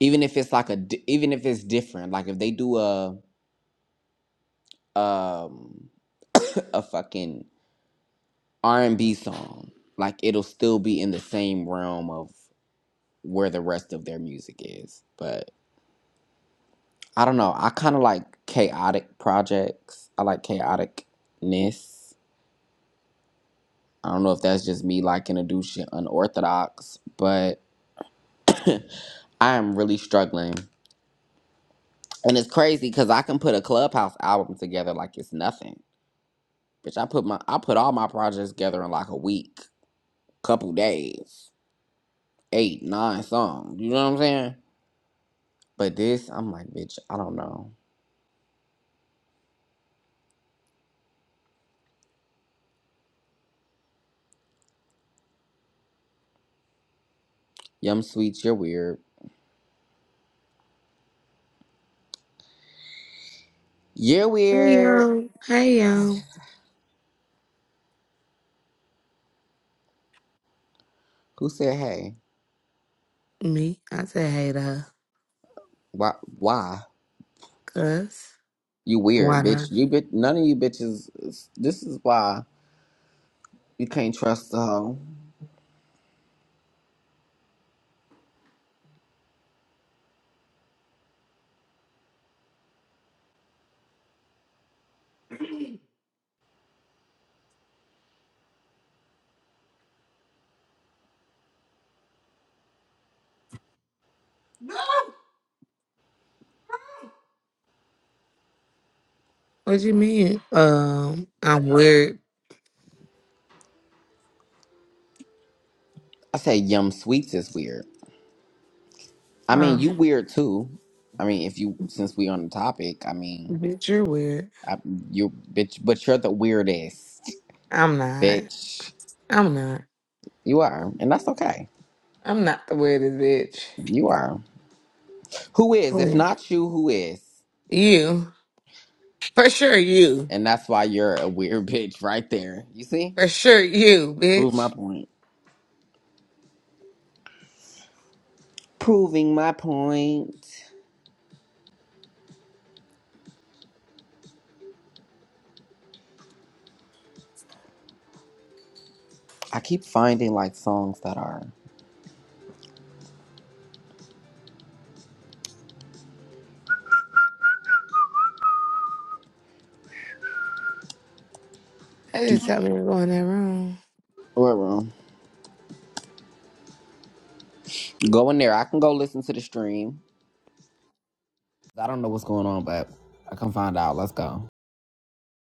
Even if it's like a di- even if it's different, like if they do a um (laughs) a fucking R&B song, like it'll still be in the same realm of where the rest of their music is. But I don't know. I kind of like chaotic projects. I like chaoticness. I don't know if that's just me liking to do shit unorthodox, but (clears throat) I am really struggling. And it's crazy because I can put a clubhouse album together like it's nothing. Bitch, I put my I put all my projects together in like a week, couple days, eight, nine songs. You know what I'm saying? But this, I'm like, bitch, I don't know. Yum sweets, you're weird. You're Hey weird. yo, hey yo, Who said hey? me. I say hey to her, Why? Why? cause You why weird, not? bitch. You bit none of you bitches. is- This is why you can't trust the hoe. What you mean? Um, I'm weird. I say Yum Sweets is weird. I mean, Oh, you weird too. I mean, if you since we on the topic, I mean, bitch, you're weird. I, you bitch, but you're the weirdest, I'm not. bitch. I'm not. You are, and that's okay. I'm not the weirdest bitch. You are. Who is? If Please. not you, who is? You. For sure, you. And that's why you're a weird (laughs) bitch right there. You see? For sure, you, Prove my bitch. point. Proving my point. I keep finding like songs that are I do. just tell me to go in that room. Go in there. I can go listen to the stream. I don't know what's going on, but I can find out. Let's go.